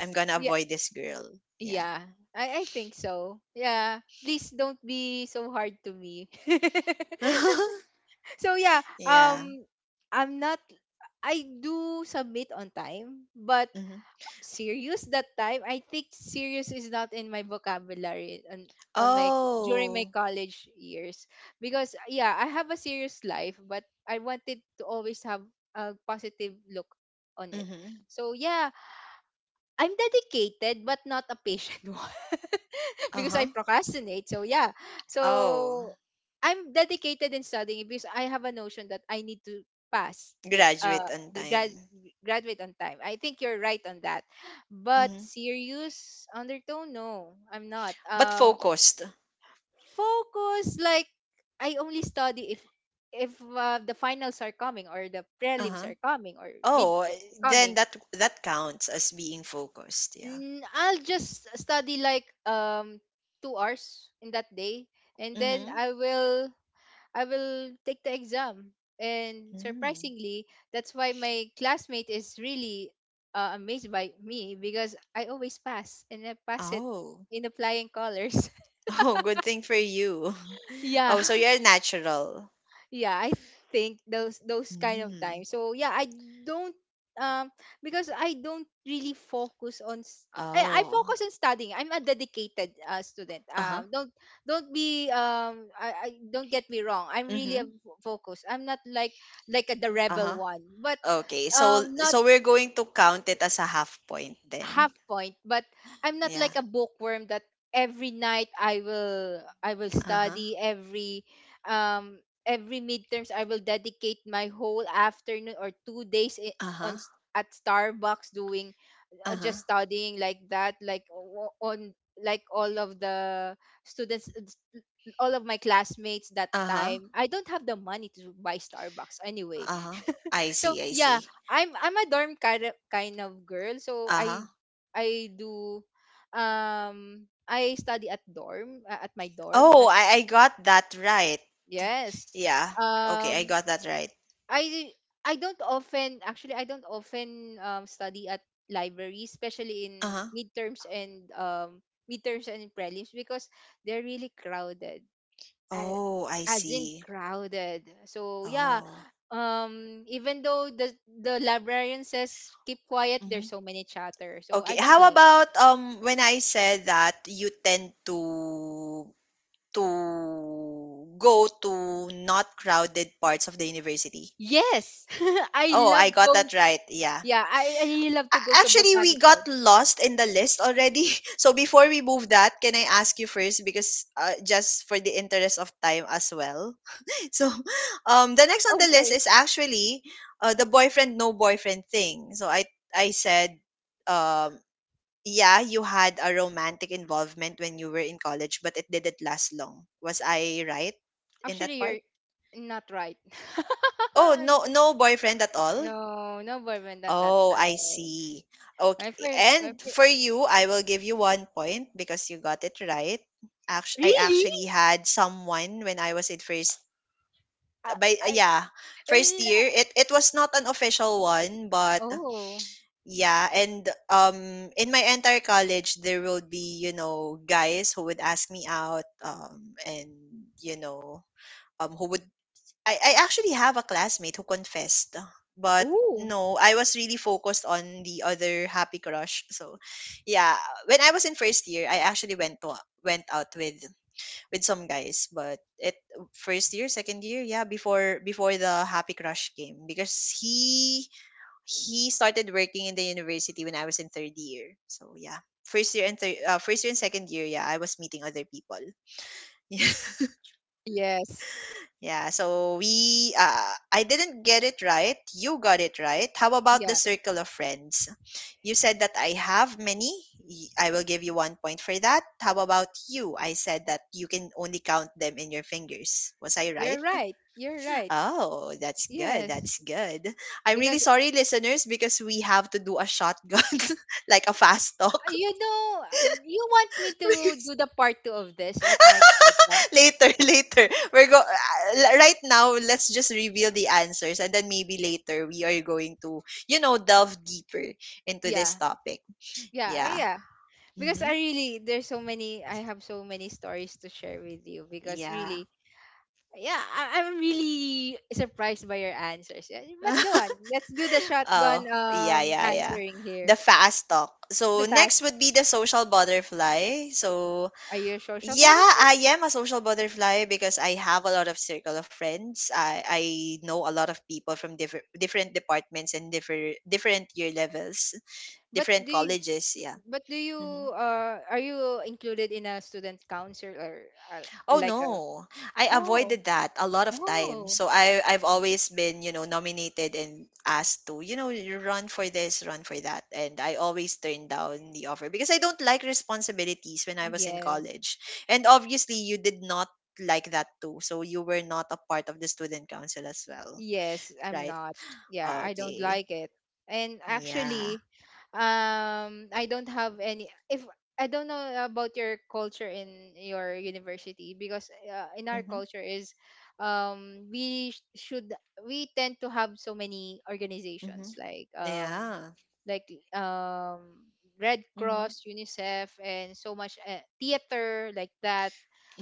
[SPEAKER 1] I'm gonna
[SPEAKER 2] Yeah,
[SPEAKER 1] avoid this girl. Yeah.
[SPEAKER 2] yeah. I think so. Yeah. Please don't be so hard to me. <laughs>
[SPEAKER 1] <laughs>
[SPEAKER 2] So yeah,
[SPEAKER 1] Yeah.
[SPEAKER 2] I'm not, I do submit on time, but
[SPEAKER 1] Hmm.
[SPEAKER 2] serious that time, I think serious is not in my vocabulary on my during my
[SPEAKER 1] Oh.
[SPEAKER 2] college years, because yeah, I have a serious life, but I wanted to always have a positive look on it.
[SPEAKER 1] Mm-hmm.
[SPEAKER 2] So yeah, I'm dedicated but not a patient <laughs> one
[SPEAKER 1] Uh
[SPEAKER 2] because I
[SPEAKER 1] huh.
[SPEAKER 2] procrastinate. So yeah.
[SPEAKER 1] Oh,
[SPEAKER 2] So I'm dedicated in studying because I have a notion that I need to pass
[SPEAKER 1] graduate on
[SPEAKER 2] the
[SPEAKER 1] time.
[SPEAKER 2] graduate on time. I think you're right on that. But
[SPEAKER 1] Mm-hmm.
[SPEAKER 2] serious undertone, no, I'm not.
[SPEAKER 1] But focused.
[SPEAKER 2] Focus like I only study if the finals are coming or the
[SPEAKER 1] Uh
[SPEAKER 2] prelims
[SPEAKER 1] huh.
[SPEAKER 2] are coming or
[SPEAKER 1] Oh,
[SPEAKER 2] midterms are
[SPEAKER 1] then
[SPEAKER 2] coming.
[SPEAKER 1] that that counts as being focused. Yeah.
[SPEAKER 2] Mm, I'll just study like 2 hours in that day, and then
[SPEAKER 1] Mm-hmm.
[SPEAKER 2] I will take the exam. And
[SPEAKER 1] Mm.
[SPEAKER 2] surprisingly, that's why my classmate is really amazed by me because I always pass and I pass it
[SPEAKER 1] Oh. <laughs>
[SPEAKER 2] in applying colors.
[SPEAKER 1] Oh, good thing for you.
[SPEAKER 2] <laughs>
[SPEAKER 1] <laughs>
[SPEAKER 2] Yeah,
[SPEAKER 1] Oh, so you're natural.
[SPEAKER 2] yeah, I think those kind of
[SPEAKER 1] Mm.
[SPEAKER 2] times. So yeah, I don't, um because I don't really focus on I
[SPEAKER 1] Oh.
[SPEAKER 2] focus on studying. I'm a dedicated student,
[SPEAKER 1] Uh-huh.
[SPEAKER 2] don't be um, I don't get me wrong, I'm really a
[SPEAKER 1] Mm-hmm.
[SPEAKER 2] focus. I'm not like like a, the rebel
[SPEAKER 1] Uh-huh.
[SPEAKER 2] one, but
[SPEAKER 1] Okay. So
[SPEAKER 2] not
[SPEAKER 1] so we're going to count it as a half point
[SPEAKER 2] half
[SPEAKER 1] then.
[SPEAKER 2] point, but I'm not
[SPEAKER 1] Yeah.
[SPEAKER 2] like a bookworm that every night I will
[SPEAKER 1] Uh-huh.
[SPEAKER 2] study every, um every midterms I will dedicate my whole afternoon or 2 days
[SPEAKER 1] Uh-huh.
[SPEAKER 2] at Starbucks doing just
[SPEAKER 1] Uh-huh.
[SPEAKER 2] studying like that, like o- on like all of the students, all of my classmates that
[SPEAKER 1] Uh-huh.
[SPEAKER 2] time. I don't have the money to buy Starbucks anyway.
[SPEAKER 1] Uh-huh.
[SPEAKER 2] <laughs>
[SPEAKER 1] I
[SPEAKER 2] So
[SPEAKER 1] see, I
[SPEAKER 2] yeah,
[SPEAKER 1] see.
[SPEAKER 2] I'm a dorm kind of girl. So
[SPEAKER 1] Uh-huh.
[SPEAKER 2] I do, I study at dorm at my dorm
[SPEAKER 1] Oh,
[SPEAKER 2] at,
[SPEAKER 1] I got that right.
[SPEAKER 2] yes,
[SPEAKER 1] Yeah. Okay, I
[SPEAKER 2] um
[SPEAKER 1] got that right.
[SPEAKER 2] I I don't often, actually I don't often study at libraries, especially in
[SPEAKER 1] Uh-huh.
[SPEAKER 2] midterms and, midterms and prelims, because they're really crowded, a-
[SPEAKER 1] Oh, I
[SPEAKER 2] as in
[SPEAKER 1] see.
[SPEAKER 2] crowded. So yeah,
[SPEAKER 1] Oh.
[SPEAKER 2] even though the librarian says keep quiet, there's
[SPEAKER 1] Mm-hmm.
[SPEAKER 2] so many chatter, so
[SPEAKER 1] Okay.
[SPEAKER 2] I don't
[SPEAKER 1] How
[SPEAKER 2] like.
[SPEAKER 1] about when I said that you tend to go to not crowded parts of the university?
[SPEAKER 2] Yes, <laughs> I
[SPEAKER 1] Oh,
[SPEAKER 2] love
[SPEAKER 1] I got
[SPEAKER 2] going.
[SPEAKER 1] that right. Yeah.
[SPEAKER 2] Yeah, I really love to go to
[SPEAKER 1] Actually, we got
[SPEAKER 2] botanical.
[SPEAKER 1] lost in the list already. <laughs> So before we move that, can I ask you first because just for the interest of time as well. <laughs> So, the next on
[SPEAKER 2] Oh,
[SPEAKER 1] the list
[SPEAKER 2] sorry.
[SPEAKER 1] is actually the boyfriend no boyfriend thing. So I said, um yeah, you had a romantic involvement when you were in college, but it didn't last long. Was I right in that
[SPEAKER 2] Actually,
[SPEAKER 1] part?
[SPEAKER 2] you're not right. <laughs>
[SPEAKER 1] Oh,
[SPEAKER 2] I'm
[SPEAKER 1] no,
[SPEAKER 2] so,
[SPEAKER 1] no boyfriend at all.
[SPEAKER 2] no, no boyfriend at that
[SPEAKER 1] Oh, I
[SPEAKER 2] time.
[SPEAKER 1] see. Okay.
[SPEAKER 2] My friend, my
[SPEAKER 1] And
[SPEAKER 2] friend.
[SPEAKER 1] for you, I will give you 1 point because you got it right. I
[SPEAKER 2] Really?
[SPEAKER 1] actually had someone when I was in first,
[SPEAKER 2] I,
[SPEAKER 1] by
[SPEAKER 2] I,
[SPEAKER 1] yeah,
[SPEAKER 2] I
[SPEAKER 1] first
[SPEAKER 2] lo-
[SPEAKER 1] year. It was not an official one, but
[SPEAKER 2] oh,
[SPEAKER 1] yeah. And in my entire college there will be, guys who would ask me out and, you know, who would I actually have a classmate who confessed, but
[SPEAKER 2] oh,
[SPEAKER 1] no, I was really focused on the other happy crush. So, yeah, when I was in first year, I actually went out with some guys, but it first year, second year, yeah, before the happy crush came, because he started working in the university when I was in third year. So yeah, first year and third, first year and second year, yeah, I was meeting other people. <laughs> Yeah,
[SPEAKER 2] yes.
[SPEAKER 1] yeah. So I didn't get it right. You got it right. How about the
[SPEAKER 2] Yeah,
[SPEAKER 1] circle of friends? You said that I have many. I will give you 1 point for that. How about you? I said that you can only count them in your fingers. Was I
[SPEAKER 2] you're
[SPEAKER 1] right?
[SPEAKER 2] right. You're right.
[SPEAKER 1] Oh, that's good.
[SPEAKER 2] Yes.
[SPEAKER 1] That's good. I'm really
[SPEAKER 2] Because,
[SPEAKER 1] sorry, listeners, because we have to do a shotgun, <laughs> like a fast talk.
[SPEAKER 2] you know, you want me
[SPEAKER 1] <laughs>
[SPEAKER 2] to do
[SPEAKER 1] Because
[SPEAKER 2] the part two of this at my podcast?
[SPEAKER 1] later, later, we're go. Right now, let's just reveal the answers, and then maybe later we are going to, delve deeper into this
[SPEAKER 2] Yeah.
[SPEAKER 1] topic.
[SPEAKER 2] Yeah,
[SPEAKER 1] Yeah.
[SPEAKER 2] yeah. Because I
[SPEAKER 1] Mm-hmm.
[SPEAKER 2] really there's so many, I have so many stories to share with you, because
[SPEAKER 1] Yeah.
[SPEAKER 2] really, yeah, I'm really surprised by your answers. Yeah, but go
[SPEAKER 1] <laughs>
[SPEAKER 2] on, let's do the shotgun
[SPEAKER 1] Oh, yeah, yeah, yeah.
[SPEAKER 2] answering here.
[SPEAKER 1] The fast talk. So
[SPEAKER 2] The
[SPEAKER 1] next
[SPEAKER 2] fast,
[SPEAKER 1] would be the social butterfly. So.
[SPEAKER 2] are you a social
[SPEAKER 1] Yeah,
[SPEAKER 2] butterfly?
[SPEAKER 1] I am a social butterfly because I have a lot of circle of friends. I know a lot of people from different departments and different year levels,
[SPEAKER 2] but
[SPEAKER 1] different
[SPEAKER 2] do you,
[SPEAKER 1] colleges. Yeah.
[SPEAKER 2] but do you
[SPEAKER 1] Mm-hmm.
[SPEAKER 2] are you included in a student council or, uh,
[SPEAKER 1] Oh
[SPEAKER 2] like a,
[SPEAKER 1] no, I
[SPEAKER 2] oh,
[SPEAKER 1] avoided that a lot of times.
[SPEAKER 2] oh,
[SPEAKER 1] So I've always been, nominated and asked to, you run for this, run for that, and I always turn down the offer because I don't like responsibilities when I was in
[SPEAKER 2] yes.
[SPEAKER 1] college. And obviously, you did not like that too, so you were not a part of the student council as well,
[SPEAKER 2] Yes, I'm
[SPEAKER 1] right?
[SPEAKER 2] not. Yeah, I don't
[SPEAKER 1] Okay,
[SPEAKER 2] like it. And
[SPEAKER 1] yeah.
[SPEAKER 2] actually, I don't have any. If I don't know about your culture in your university, because in our
[SPEAKER 1] Mm-hmm.
[SPEAKER 2] culture is, we sh- should we tend to have so many
[SPEAKER 1] Mm-hmm.
[SPEAKER 2] organizations
[SPEAKER 1] Yeah.
[SPEAKER 2] like um, Red
[SPEAKER 1] Mm-hmm.
[SPEAKER 2] Cross, UNICEF, and so much theater like that.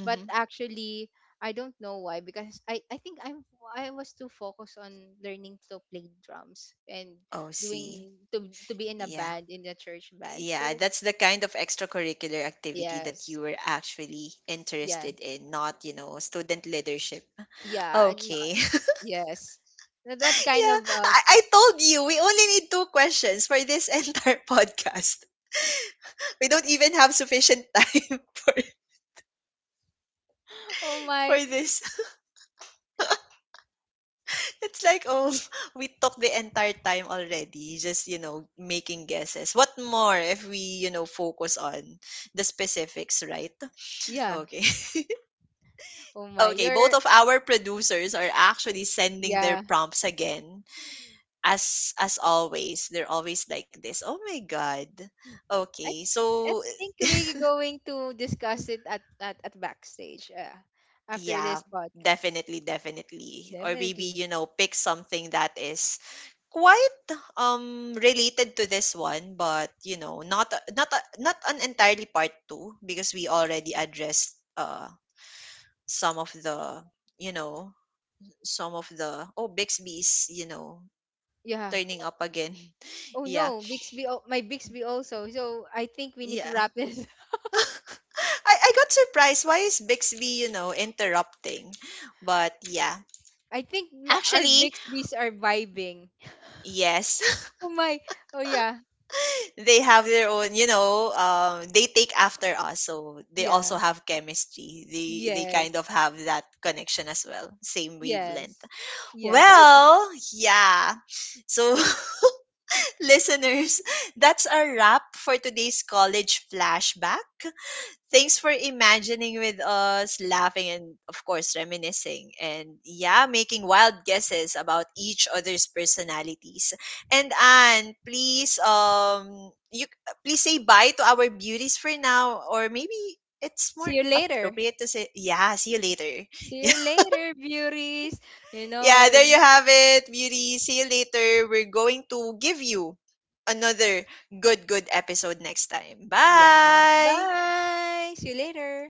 [SPEAKER 2] But actually, I don't know why, because I think I'm, I was too focused on learning to play drums and
[SPEAKER 1] Oh, see.
[SPEAKER 2] doing to be in a
[SPEAKER 1] Yeah.
[SPEAKER 2] band in the church band.
[SPEAKER 1] Yeah,
[SPEAKER 2] So
[SPEAKER 1] that's the kind of extracurricular activity that
[SPEAKER 2] yes,
[SPEAKER 1] you were actually
[SPEAKER 2] yeah,
[SPEAKER 1] interested in, not, student leadership.
[SPEAKER 2] yeah, I'm not,
[SPEAKER 1] Okay. <laughs>
[SPEAKER 2] yes, that
[SPEAKER 1] Yeah,
[SPEAKER 2] kind of
[SPEAKER 1] I told you we only need two questions for this <laughs> entire podcast. We don't even have sufficient time <laughs> for
[SPEAKER 2] <laughs> oh my,
[SPEAKER 1] for this. <laughs> It's like, oh, we took the entire time already, just, making guesses. What more if we, focus on the specifics, right?
[SPEAKER 2] yeah,
[SPEAKER 1] Okay.
[SPEAKER 2] oh my,
[SPEAKER 1] Okay,
[SPEAKER 2] you're,
[SPEAKER 1] both of our producers are actually sending
[SPEAKER 2] yeah.
[SPEAKER 1] their prompts again. As always, they're always like this. Oh my god.
[SPEAKER 2] I
[SPEAKER 1] Okay.
[SPEAKER 2] th- I
[SPEAKER 1] So
[SPEAKER 2] think we're going to discuss it at backstage, after this
[SPEAKER 1] yeah,
[SPEAKER 2] podcast.
[SPEAKER 1] definitely, definitely. Or maybe,
[SPEAKER 2] Definitely,
[SPEAKER 1] pick something that is quite related to this one, but not an entirely part 2, because we already addressed some of the, you know, some of the oh Bixby's,
[SPEAKER 2] yeah.
[SPEAKER 1] turning up again. <laughs>
[SPEAKER 2] Oh
[SPEAKER 1] Yeah.
[SPEAKER 2] no, Bixby! My Bixby also. So I think we need to
[SPEAKER 1] Yeah.
[SPEAKER 2] wrap this. <laughs>
[SPEAKER 1] <laughs> I got surprised. Why is Bixby, interrupting? But yeah.
[SPEAKER 2] I think my, our
[SPEAKER 1] Actually,
[SPEAKER 2] Bixbys are vibing.
[SPEAKER 1] yes,
[SPEAKER 2] Oh my! Oh yeah,
[SPEAKER 1] <laughs> they have their own, they take after us. So they
[SPEAKER 2] yeah,
[SPEAKER 1] also have chemistry. They kind
[SPEAKER 2] yes,
[SPEAKER 1] of have that connection as well. Same wavelength.
[SPEAKER 2] yes, yes. I
[SPEAKER 1] Well, yeah. So <laughs> listeners, that's a wrap for today's college flashback. Thanks for imagining with us, laughing, and of course, reminiscing. And yeah, making wild guesses about each other's personalities. And Anne, please, you please say bye to our beauties for now, or maybe it's
[SPEAKER 2] see
[SPEAKER 1] more
[SPEAKER 2] you later.
[SPEAKER 1] appropriate to say, yeah, see you later.
[SPEAKER 2] See you
[SPEAKER 1] <laughs>
[SPEAKER 2] later, beauties. You know,
[SPEAKER 1] Yeah,
[SPEAKER 2] it-
[SPEAKER 1] there you have it, beauty. See you later. We're going to give you another good, good episode next time.
[SPEAKER 2] yeah.
[SPEAKER 1] Bye.
[SPEAKER 2] Bye. See you later.